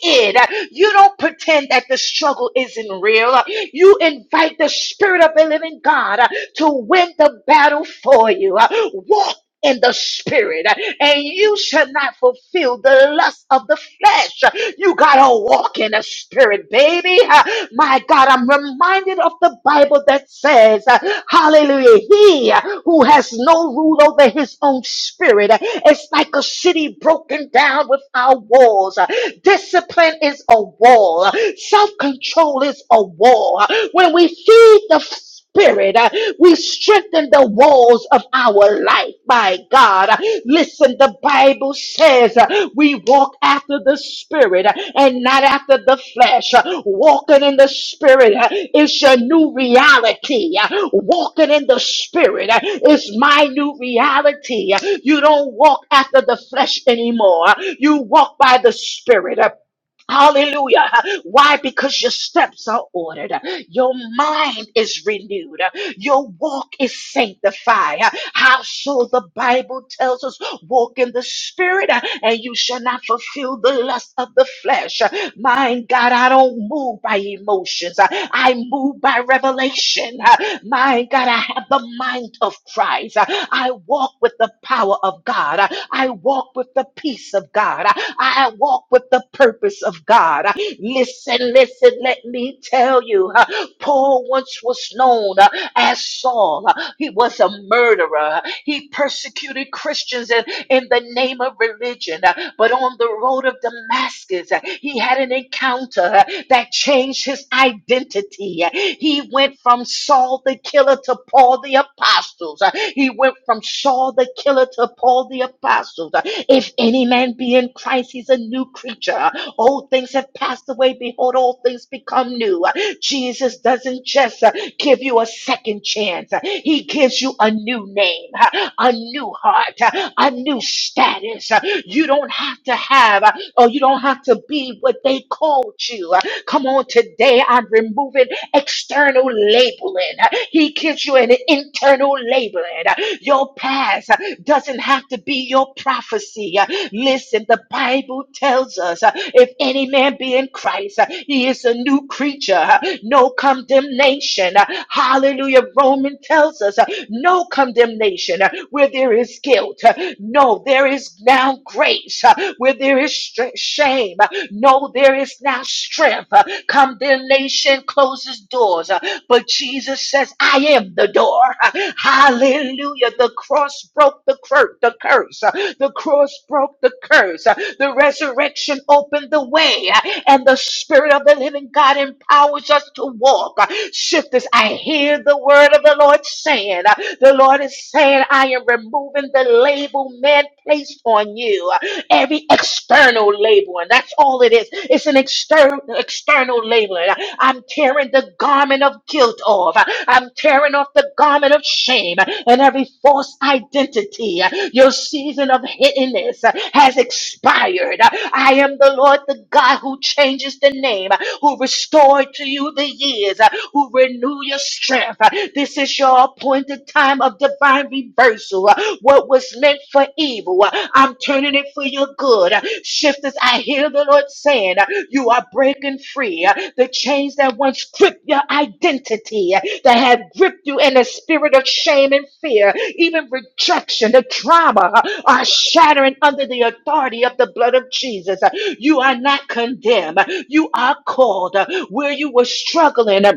it. Uh, You don't pretend that the struggle isn't real. Uh, You invite the spirit of the living God uh, to win the battle for you. Uh, Walk in the spirit, uh, and you shall not fulfill the lust of the flesh. Uh, You gotta walk in the spirit, baby. Uh, My God, I'm reminded of the Bible that says, uh, Hallelujah, he uh, who has no rule over his own spirit uh, is like a city broken down without walls. Uh, Discipline is a wall. Self control is a wall. When we feed the Spirit, uh, we strengthen the walls of our life. My God, uh, listen, the Bible says uh, we walk after the Spirit uh, and not after the flesh. Uh, Walking in the Spirit uh, is your new reality. Uh, Walking in the Spirit uh, is my new reality. You don't walk after the flesh anymore. You walk by the Spirit. Hallelujah. Why? Because your steps are ordered. Your mind is renewed. Your walk is sanctified. How so? The Bible tells us walk in the spirit and you shall not fulfill the lust of the flesh. My God, I don't move by emotions. I I move by revelation. Uh, My God, I have the mind of Christ. Uh, I walk with the power of God. Uh, I walk with the peace of God. Uh, I walk with the purpose of God. Uh, Listen, listen, let me tell you. uh, Paul once was known uh, as Saul. Uh, He was a murderer. He persecuted Christians in, in the name of religion. Uh, But on the road of Damascus, uh, he had an encounter uh, that changed his identity. Uh, He went from Saul the killer to Paul the apostles. Uh, He went from Saul the killer to Paul the apostles. Uh, If any man be in Christ, he's a new creature. Old things have passed away. Behold, all things become new. Jesus doesn't just give you a second chance. He gives you a new name, a new heart, a new status. You don't have to have or you don't have to be what they called you. Come on, today I'm removing external labeling. He gives you an internal labeling. Your past doesn't have to be your prophecy. Uh, Listen, the Bible tells us uh, if any man be in Christ, uh, he is a new creature. Uh, No condemnation. Uh, Hallelujah. Romans tells us uh, no condemnation Uh, where there is guilt. uh, No, there is now grace. Uh, Where there is stre- shame. uh, No, there is now strength. Uh, Condemnation closes doors. Uh, but Jesus says, I am the door. Hallelujah. The cross broke the, cur- the curse. The cross broke the curse. The resurrection opened the way. And the Spirit of the living God empowers us to walk. Shifters, I hear the word of the Lord saying, The Lord is saying, I am removing the label man placed on you every external label, and that's all it is. It's an external external label. And I- I'm tearing the garment of guilt off. I- I'm tearing off the garment of shame and every false identity. Your season of hiddenness has expired. I am the Lord, the God who changes the name, who restored to you the years, who renew your strength. This is your appointed time of divine reversal. What was meant for evil, I'm turning it for your good. Shifters, I hear the Lord saying, You are breaking free. The chains that once gripped your identity, that have gripped you in the spirit of shame and fear, even rejection, the trauma, are shattering under the authority of the blood of Jesus. You are not condemned. You are called where you were struggling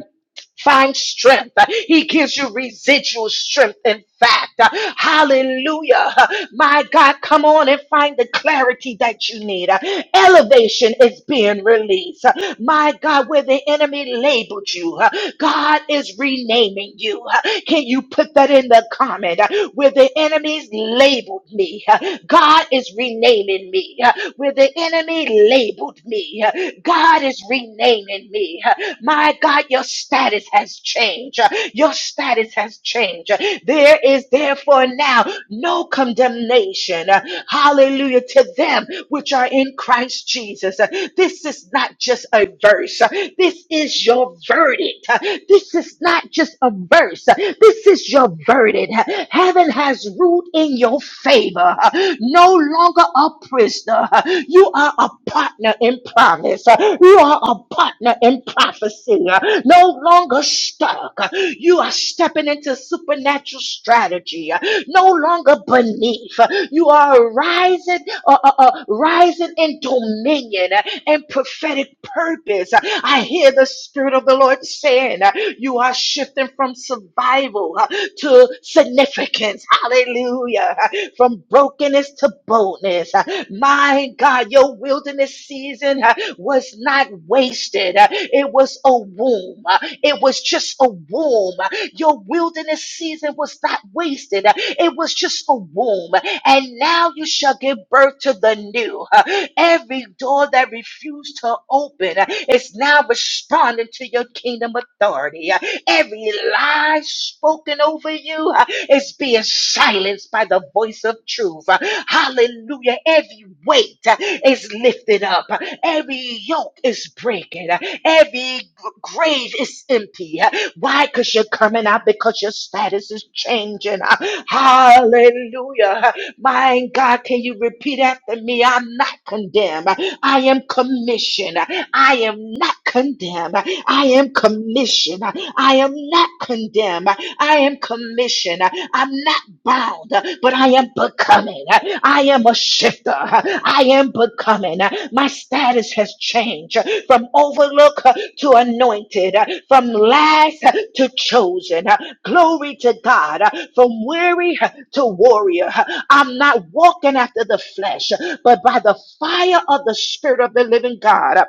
find strength. He gives you residual strength. In fact, hallelujah. My God, come on and find the clarity that you need. Elevation is being released. My God, where the enemy labeled you, God is renaming you. Can you put that in the comment? Where the enemies labeled me, God is renaming me where the enemy labeled me. God is renaming me. My God, your status has changed. Your status has changed. There is therefore now no condemnation. Hallelujah to them which are in Christ Jesus. This is not just a verse. This is your verdict. This is not just a verse. This is your verdict. Heaven has ruled in your favor. No longer a prisoner. You are a partner in promise. You are a partner in prophecy. No longer stuck. You are stepping into supernatural strategy. No longer beneath. You are rising, uh, uh, uh, rising in dominion and prophetic purpose. I hear the Spirit of the Lord saying, you are shifting from survival uh, to significance. Hallelujah. Uh, From brokenness to boldness. Uh, My God, your wilderness season uh, was not wasted. Uh, It was a womb. Uh, It was just a womb. Uh, Your wilderness season was not wasted. Uh, It was just a womb and now you shall give birth to the new. Uh, Every door that refused to open uh, is now responding to your kingdom authority. Uh, Every lie spoken over you uh, is being silenced by the voice of truth. Uh, Hallelujah. Every weight uh, is lifted up, Uh, every yoke is breaking, Uh, every g- grave is empty. Uh, Why? Because you're coming out because your status is changing. Uh, Hallelujah. My God, can you repeat after me? I'm not condemned. I am commissioned. I am not condemned. I am commissioned. I am not condemned. I am commissioned. I'm not bound, but I am becoming. I I am a shifter. I am becoming. My status has changed from overlook to anointed, from last to chosen. Glory to God. From weary to warrior. I'm not walking after the flesh, but by the fire of the Spirit of the living God.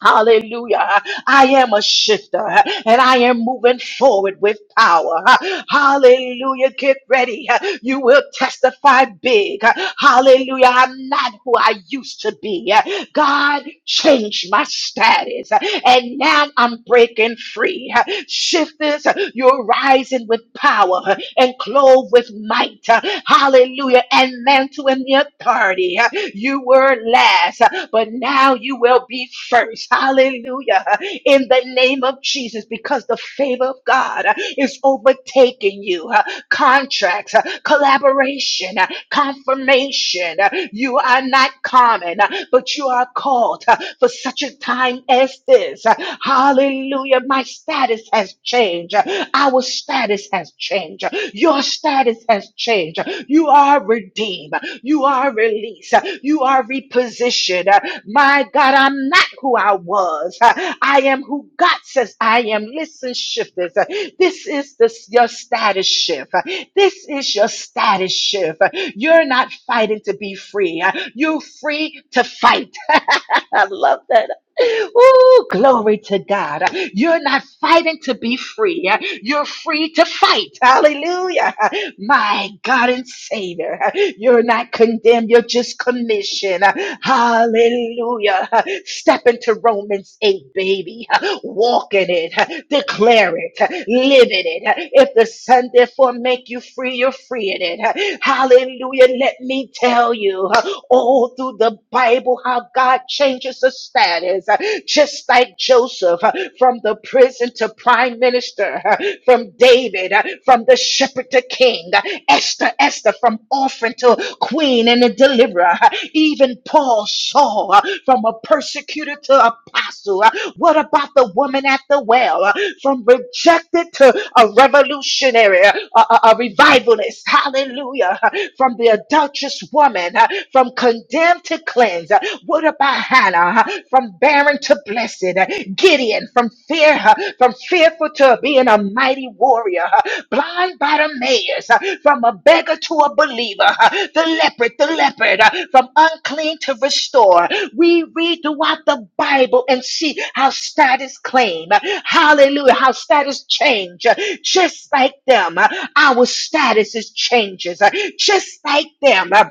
Hallelujah. I am a shifter and I am moving forward with power. Hallelujah. Get ready. You will testify big. Hallelujah. I'm not who I used to be. God changed my status and now I'm breaking free. Shifters, you're rising with power and clothed with might. Hallelujah. And mantle in the authority. You were last, but now you will be first. Hallelujah. In the name of Jesus, because the favor of God is overtaking you. Contracts, collaboration, confirmation. You are not common, but you are called for such a time as this. Hallelujah. My status has changed. Our status has changed. Your status has changed. You are redeemed. You. You are released. You are repositioned. My God, I'm not who I was. I am who God says I am. Listen, shifters. This is the, your status shift. This is your status shift. You're not fighting to be free. You're free to fight. I love that. Ooh, glory to God. You're not fighting to be free. You're free to fight. Hallelujah. My God and Savior. You're not condemned. You're just commissioned. Hallelujah. Step into Romans 8, baby. Walk in it. Declare it. Live in it. If the Son therefore make you free, you're free in it. Hallelujah. Let me tell you all through the Bible how God God changes the status, uh, just like Joseph uh, from the prison to prime minister, uh, from David, uh, from the shepherd to king, uh, Esther, Esther, from orphan to queen and a deliverer, uh, even Paul, Saul, uh, from a persecutor to apostle. uh, What about the woman at the well, uh, from rejected to a revolutionary, uh, a, a a revivalist? Hallelujah. From the adulterous woman, uh, from condemned condemned to cleanse. Uh, What about Hannah? huh? From barren to blessed. Uh, Gideon from fear, huh, from fearful to being a mighty warrior. huh? Blind Bartimaeus, uh, from a beggar to a believer. huh? The leopard, the leopard, uh, from unclean to restore. We read throughout the Bible and see how status claim. uh, Hallelujah. How status change. uh, Just like them, uh, our status is changes. uh, Just like them, uh,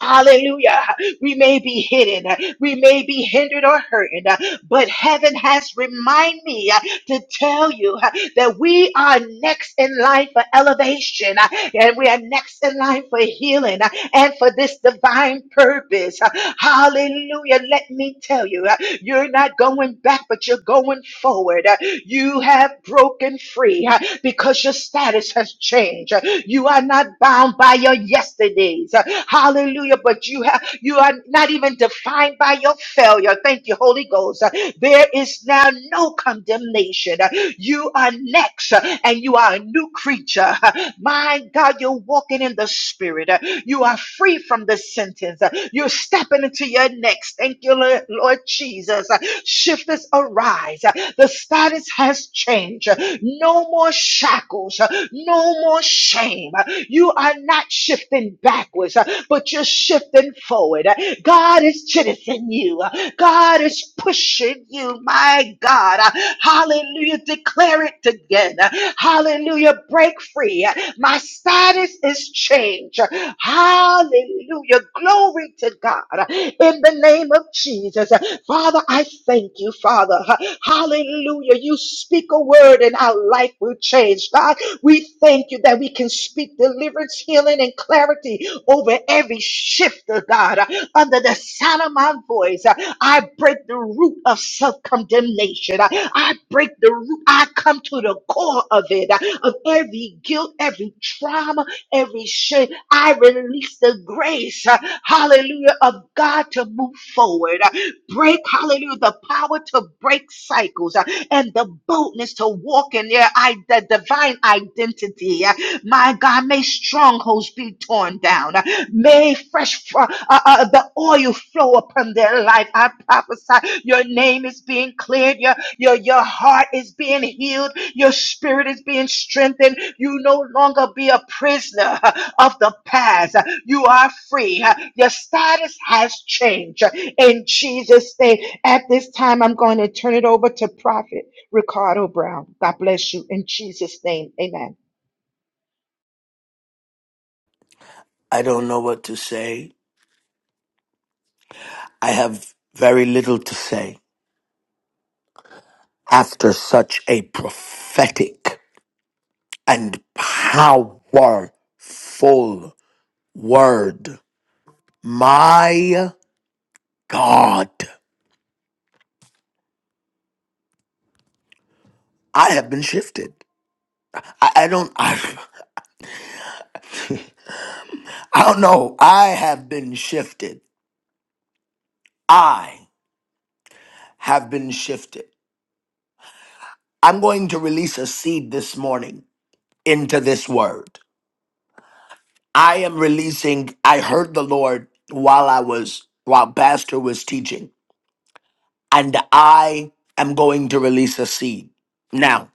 Hallelujah. We may be hidden. uh, We may be hindered or hurting. uh, But heaven has reminded me uh, to tell you uh, that we are next in line for elevation. uh, And we are next in line for healing uh, and for this divine purpose. Uh, Hallelujah. Let me tell you, uh, you're not going back, but you're going forward. Uh, you have broken free uh, because your status has changed. Uh, You are not bound by your yesterdays. Uh, Hallelujah. But you have you are not even defined by your failure. Thank you, Holy Ghost. Uh, There is now no condemnation. Uh, You are next uh, and you are a new creature. My God, you're walking in the spirit. Uh, You are free from the sentence. Uh, You're stepping into your next. Thank you, Lord Lord Jesus. Uh, Shifters arise. Uh, The status has changed. Uh, No more shackles. Uh, No more shame. Uh, You are not shifting backwards, uh, but you're shifting forward. Uh, God is citizen you. Uh, God is pushing you, my God. Hallelujah. Declare it again. Hallelujah. Break free. My status is changed. Hallelujah. Glory to God. In the name of Jesus. Father, I thank you, Father. Hallelujah. You speak a word and our life will change. God, we thank you that we can speak deliverance, healing, and clarity over every shift, oh God, uh, under the sound of my voice. uh, I break the root of self condemnation. I break the root. I come to the core of it, uh, of every guilt, every trauma, every shame. I release the grace, uh, hallelujah, of God to move forward. Uh, Break, hallelujah, the power to break cycles uh, and the boldness to walk in their I- the divine identity. My God, may strongholds be torn down. May fresh fr- uh, uh, the oil flow upon their life. I prophesy your name is being cleared. Your, your, your heart is being healed. Your spirit is being strengthened. You no longer be a prisoner uh, of the past. You are free. Uh, Your status has changed. In Jesus' name. At this time, I'm going to turn it over to Prophet Ricardo Brown. God bless you. In Jesus' name, amen.
I don't know what to say. I have very little to say after such a prophetic and powerful word. My God, I have been shifted. I, I don't, I, I don't know. I have been shifted. I have been shifted. I'm going to release a seed this morning into this word. I am releasing. I heard the Lord while I was while Pastor was teaching, and I am going to release a seed now.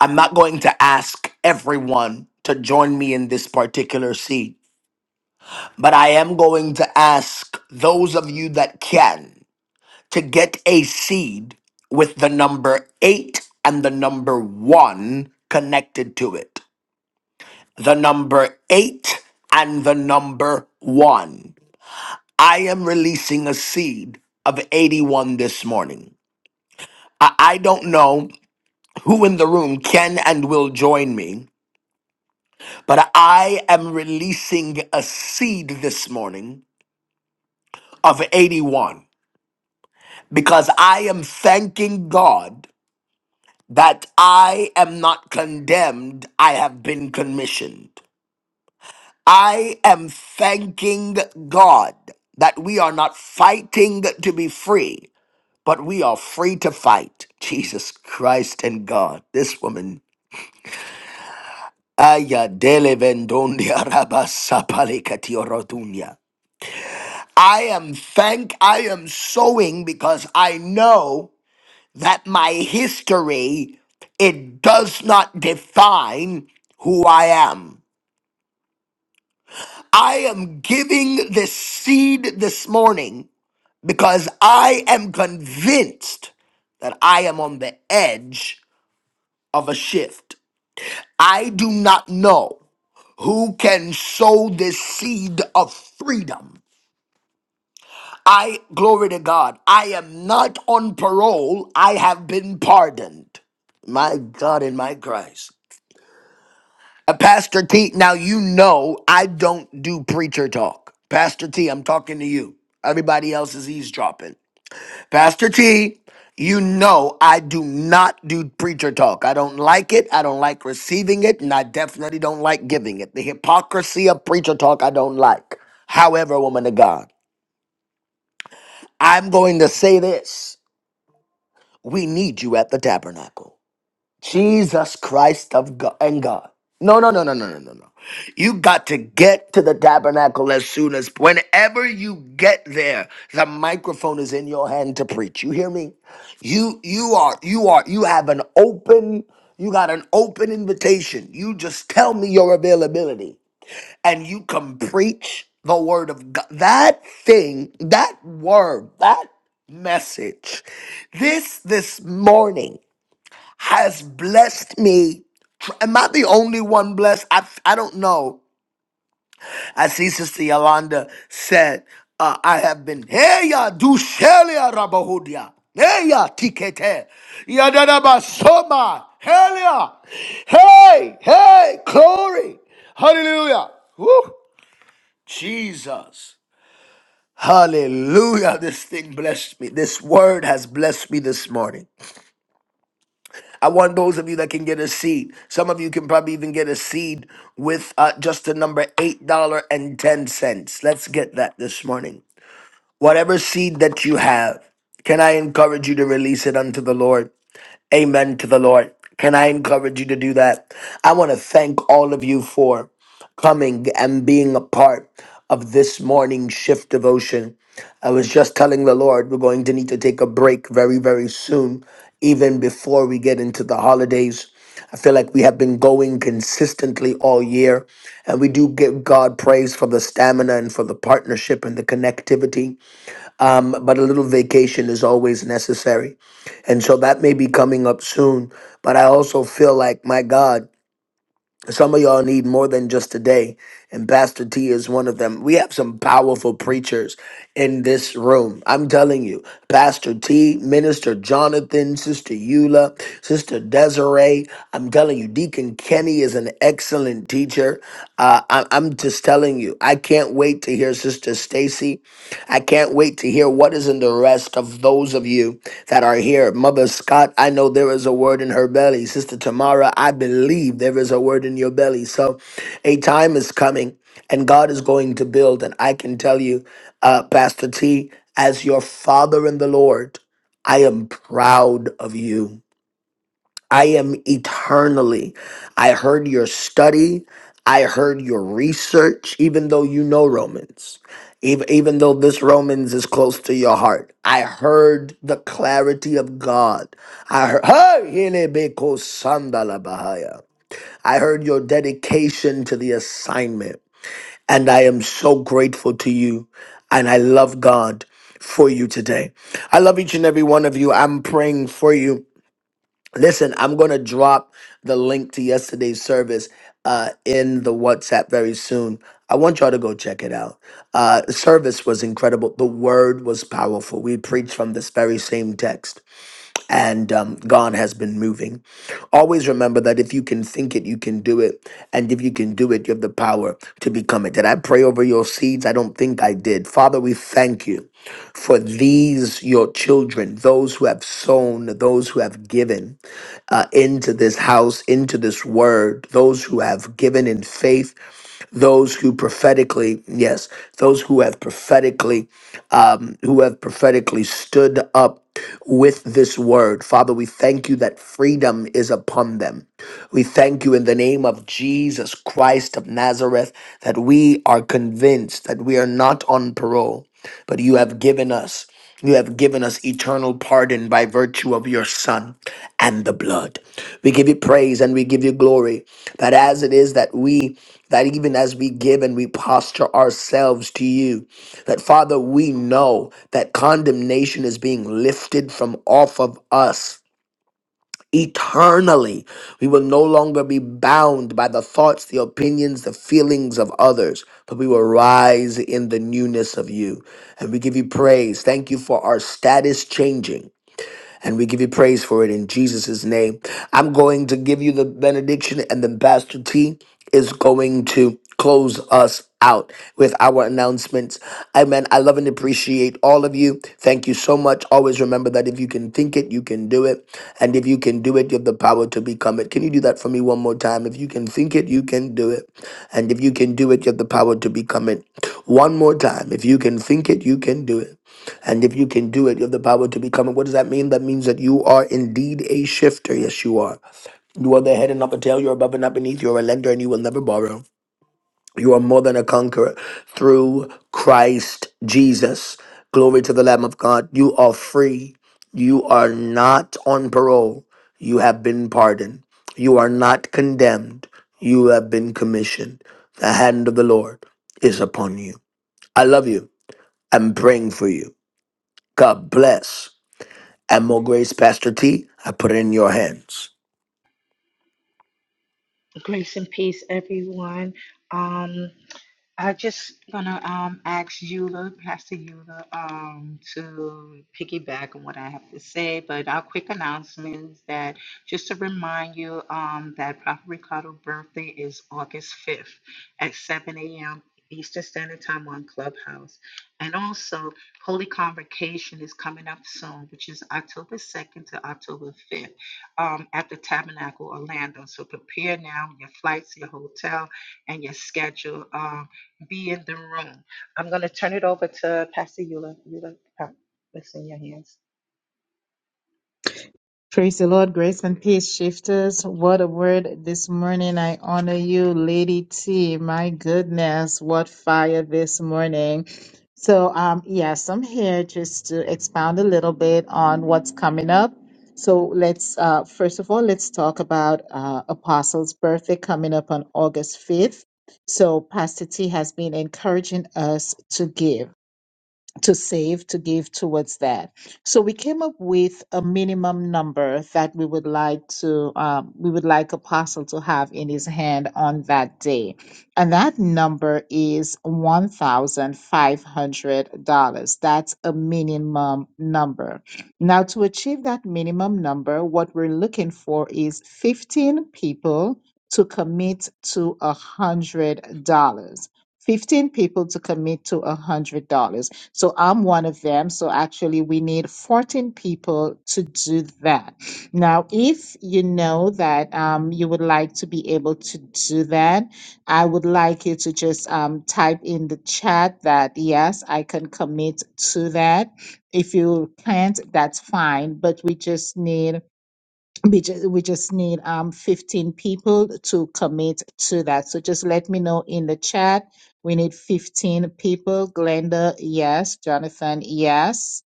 I'm not going to ask everyone to join me in this particular seed, but I am going to ask those of you that can to get a seed with the number eight and the number one connected to it. The number eight and the number one. I am releasing a seed of 81 this morning. I I don't know who in the room can and will join me, But I am releasing a seed this morning of 81 because I am thanking God that I am not condemned, I have been commissioned. I am thanking God that we are not fighting to be free, but we are free to fight. Jesus Christ and God, this woman. Aya dele vendonia rabasa palikatio I am thank I am sowing because I know that my history it does not define who I am. I am giving this seed this morning because I am convinced that I am on the edge of a shift. I do not know who can sow this seed of freedom I, glory to God, I am not on parole. I have been pardoned. My God and my Christ. Uh, Pastor T, now you know I don't do preacher talk. Pastor T, I'm talking to you. Everybody else is eavesdropping. Pastor T, you know I do not do preacher talk. I don't like it. I don't like receiving it. And I definitely don't like giving it. The hypocrisy of preacher talk, I don't like. However, woman of God, I'm going to say this. We need you at the tabernacle. Jesus Christ of God and God. No, no, no, no, no, no, no, no. You got to get to the tabernacle as soon as whenever you get there, the microphone is in your hand to preach. You hear me? You you are you are you have an open you got an open invitation. You just tell me your availability and you can preach the word of God. That thing, that word, that message, this this morning has blessed me. Am I the only one blessed? I I don't know. I see Sister Yolanda said, uh, I have been hey ya du shelia rabahudia. Hey ya tikete. Yadadaba soma. Helia. Hey, hey, glory. Hallelujah. Woo. Jesus. Hallelujah. This thing blessed me. This word has blessed me this morning. I want those of you that can get a seed. Some of you can probably even get a seed with uh, just the number $8.10. Let's get that this morning. Whatever seed that you have, can I encourage you to release it unto the Lord? Amen to the Lord. Can I encourage you to do that? I want to thank all of you for coming and being a part of this morning shift devotion. I was just telling the Lord we're going to need to take a break very, very soon, even before we get into the holidays. I feel like we have been going consistently all year, and we do give God praise for the stamina and for the partnership and the connectivity um, but a little vacation is always necessary. And so that may be coming up soon. But I also feel like, my God, some of y'all need more than just today, and Pastor T is one of them. We have some powerful preachers in this room. I'm telling you, Pastor T, Minister Jonathan, Sister Eula, Sister Desiree. I'm telling you, Deacon Kenny is an excellent teacher. Uh, I- I'm just telling you, I can't wait to hear Sister Stacy. I can't wait to hear what is in the rest of those of you that are here. Mother Scott, I know there is a word in her belly. Sister Tamara, I believe there is a word in your belly. So a time is coming and God is going to build. And I can tell you, uh, Pastor T, as your father in the Lord, I am proud of you. I am eternally. I heard your study. I heard your research, even though you know Romans, even, even though this Romans is close to your heart. I heard the clarity of God. I heard, Hey, Hinebeko Sandala Bahaya. I heard your dedication to the assignment. And I am so grateful to you. And I love God for you today. I love each and every one of you. I'm praying for you. Listen, I'm going to drop the link to yesterday's service uh, in the WhatsApp very soon. I want y'all to go check it out. Uh, the service was incredible. The word was powerful. We preached from this very same text, and um, God has been moving. Always remember that if you can think it, you can do it. And if you can do it, you have the power to become it. Did I pray over your seeds? I don't think I did. Father, we thank you for these, your children, those who have sown, those who have given uh, into this house, into this word, those who have given in faith, those who prophetically, yes, those who have prophetically, um, who have prophetically stood up with this word. Father, we thank you that freedom is upon them. We thank you in the name of Jesus Christ of Nazareth that we are convinced that we are not on parole, but you have given us. You have given us eternal pardon by virtue of your Son and the blood. We give you praise and we give you glory that as it is that we that even as we give and we posture ourselves to you that father we know that condemnation is being lifted from off of us eternally we will no longer be bound by the thoughts the opinions the feelings of others but we will rise in the newness of you and we give you praise thank you for our status changing and we give you praise for it in Jesus' name. I'm going to give you the benediction, and then Pastor T is going to close us out with our announcements. Amen. I love and appreciate all of you. Thank you so much. Always remember that if you can think it, you can do it. And if you can do it, you have the power to become it. Can you do that for me one more time? If you can think it, you can do it. And if you can do it, you have the power to become it. One more time. If you can think it, you can do it. And if you can do it, you have the power to become it. What does that mean? That means that you are indeed a shifter. Yes, you are. You are the head and not the tail. You're above and not beneath. You're a lender and you will never borrow. You are more than a conqueror through Christ Jesus. Glory to the Lamb of God. You are free. You are not on parole. You have been pardoned. You are not condemned. You have been commissioned. The hand of the Lord is upon you. I love you. I'm praying for you. God bless. And more grace, Pastor T. I put it in your hands.
Grace and peace, everyone. Um, I just gonna um ask Eula, Pastor Eula, um to piggyback on what I have to say, but our quick announcement is that just to remind you um that Prophet Ricardo's birthday is August fifth at seven a.m. Eastern Standard Time on Clubhouse, and also Holy Convocation is coming up soon, which is October second to October fifth, um at the Tabernacle Orlando. So prepare now your flights, your hotel and your schedule. Um be in the room. I'm going to turn it over to Pastor Eula. Eula, uh, it's in your hands.
Praise the Lord, grace and peace, shifters. What a word this morning. I honor you, Lady T. My goodness, what fire this morning. So, um, yes, I'm here just to expound a little bit on what's coming up. So, let's uh, first of all, let's talk about uh, Apostles' birthday coming up on August 5th. So, Pastor T has been encouraging us to give to save to give towards that. So we came up with a minimum number that we would like to um, we would like Apostle to have in his hand on that day, and that number is one thousand five hundred dollars. That's a minimum number. Now to achieve that minimum number, what we're looking for is fifteen people to commit to a hundred dollars. 15 people to commit to $100 so I'm one of them. So actually, we need 14 people to do that. Now, if you know that um, you would like to be able to do that, I would like you to just um, type in the chat that yes, I can commit to that. If you can't, that's fine. But we just need we just we just need um 15 people to commit to that so just let me know in the chat we need 15 people glenda yes jonathan yes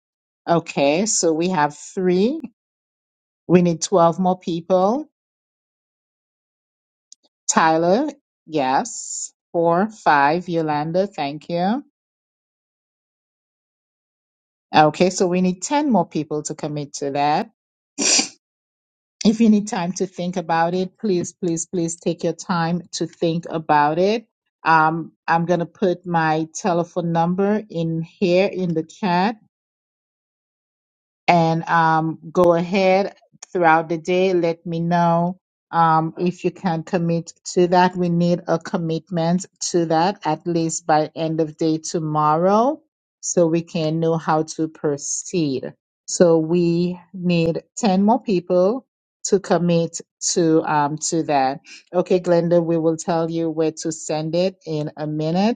okay so we have three we need 12 more people tyler yes four five yolanda thank you okay so we need 10 more people to commit to that If you need time to think about it, please, please, please take your time to think about it. Um, I'm going to put my telephone number in here in the chat and um, go ahead throughout the day. Let me know um, if you can commit to that. We need a commitment to that at least by end of day tomorrow so we can know how to proceed. So we need 10 more people to commit to um to that. Okay, Glenda, we will tell you where to send it in a minute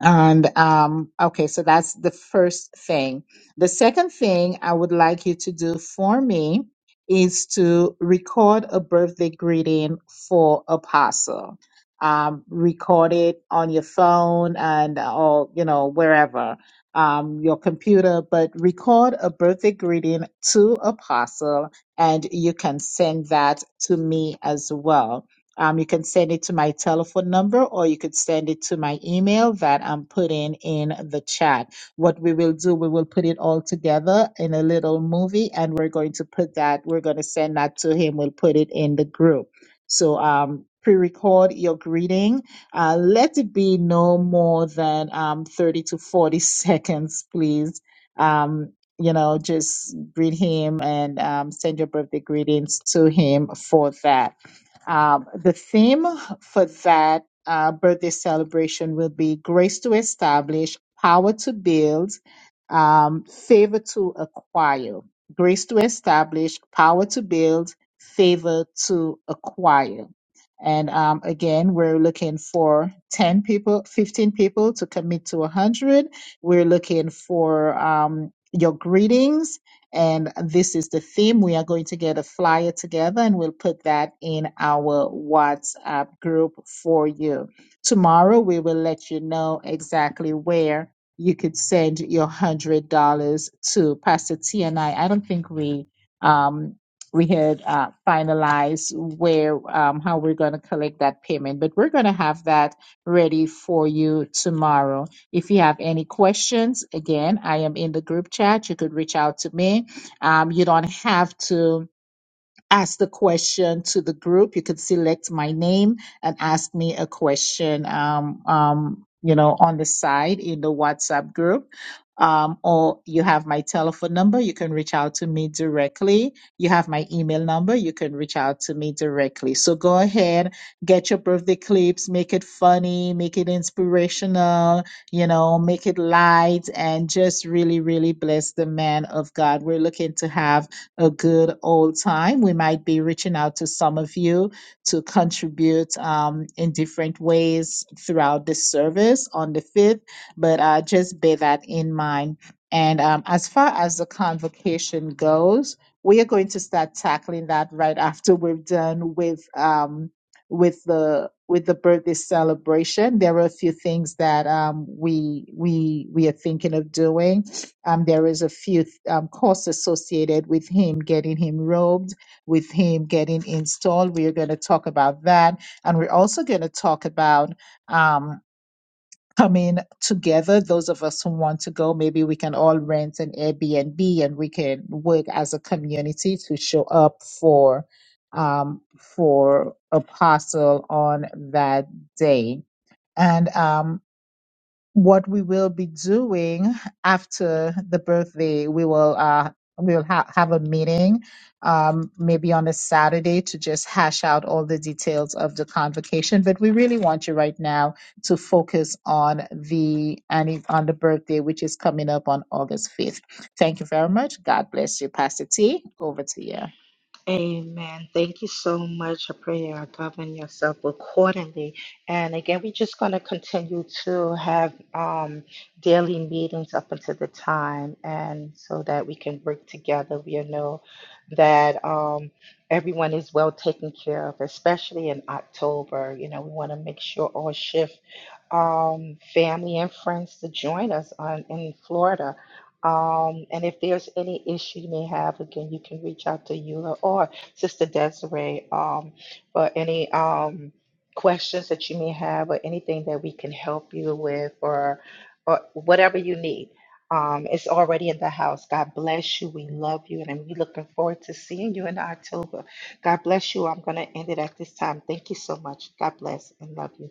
and um, okay, so that's the first thing. The second thing I would like you to do for me is to record a birthday greeting for Apostle. Um, record it on your phone and or you know wherever um, your computer, but record a birthday greeting to Apostle, and you can send that to me as well um, you can send it to my telephone number or you could send it to my email that I'm putting in the chat. What we will do, we will put it all together in a little movie and we're going to put that, we're going to send that to him. We'll put it in the group. So, um, pre-record your greeting. Uh, let it be no more than, um, 30 to 40 seconds, please. Um, you know, just greet him and um, send your birthday greetings to him for that. Um, the theme for that uh, birthday celebration will be grace to establish, power to build, um, favor to acquire. Grace to establish, power to build, favor to acquire. And um, again, we're looking for 10 people, 15 people to commit to 100. We're looking for um, your greetings and this is the theme. We are going to get a flyer together and we'll put that in our WhatsApp group for you. Tomorrow, we will let you know exactly where you could send your $100 to. Pastor T and I, I don't think we. Um, we had uh, finalized where um, how we're going to collect that payment, but we're going to have that ready for you tomorrow. If you have any questions, again, I am in the group chat. You could reach out to me. Um, you don't have to ask the question to the group. You could select my name and ask me a question, um, um, you know, on the side in the WhatsApp group. Um, or you have my telephone number. You can reach out to me directly. You have my email number. You can reach out to me directly. So go ahead, get your birthday clips, make it funny, make it inspirational, you know, make it light and just really, really bless the man of God. We're looking to have a good old time. We might be reaching out to some of you to contribute um, in different ways throughout the service on the 5th, but uh, just bear that in mind. And um, as far as the convocation goes, we are going to start tackling that right after we're done with um, with the with the birthday celebration. There are a few things that um, we we we are thinking of doing um, there is a few um, costs associated with him getting him robed, with him getting installed. We are going to talk about that. And we're also going to talk about um, coming together. Those of us who want to go, maybe we can all rent an Airbnb and we can work as a community to show up for um, for Apostle on that day. And um, what we will be doing after the birthday. We will uh, we will ha- have a meeting, um, maybe on a Saturday, to just hash out all the details of the convocation. But we really want you right now to focus on the anni- on the birthday, which is coming up on August fifth. Thank you very much. God bless you, Pastor T. Over to you.
Amen. Thank you so much. I pray you are governing yourself accordingly. And again, we're just going to continue to have um, daily meetings up until the time, and so that we can work together. We know that um, everyone is well taken care of, especially in October. You know, we want to make sure all shifts um, family and friends to join us on in Florida. Um, and if there's any issue you may have, again, you can reach out to Eula or Sister Desiree um, for any um, questions that you may have or anything that we can help you with or, or whatever you need. Um, it's already in the house. God bless you. We love you. And we're looking forward to seeing you in October. God bless you. I'm going to end it at this time. Thank you so much. God bless and love you.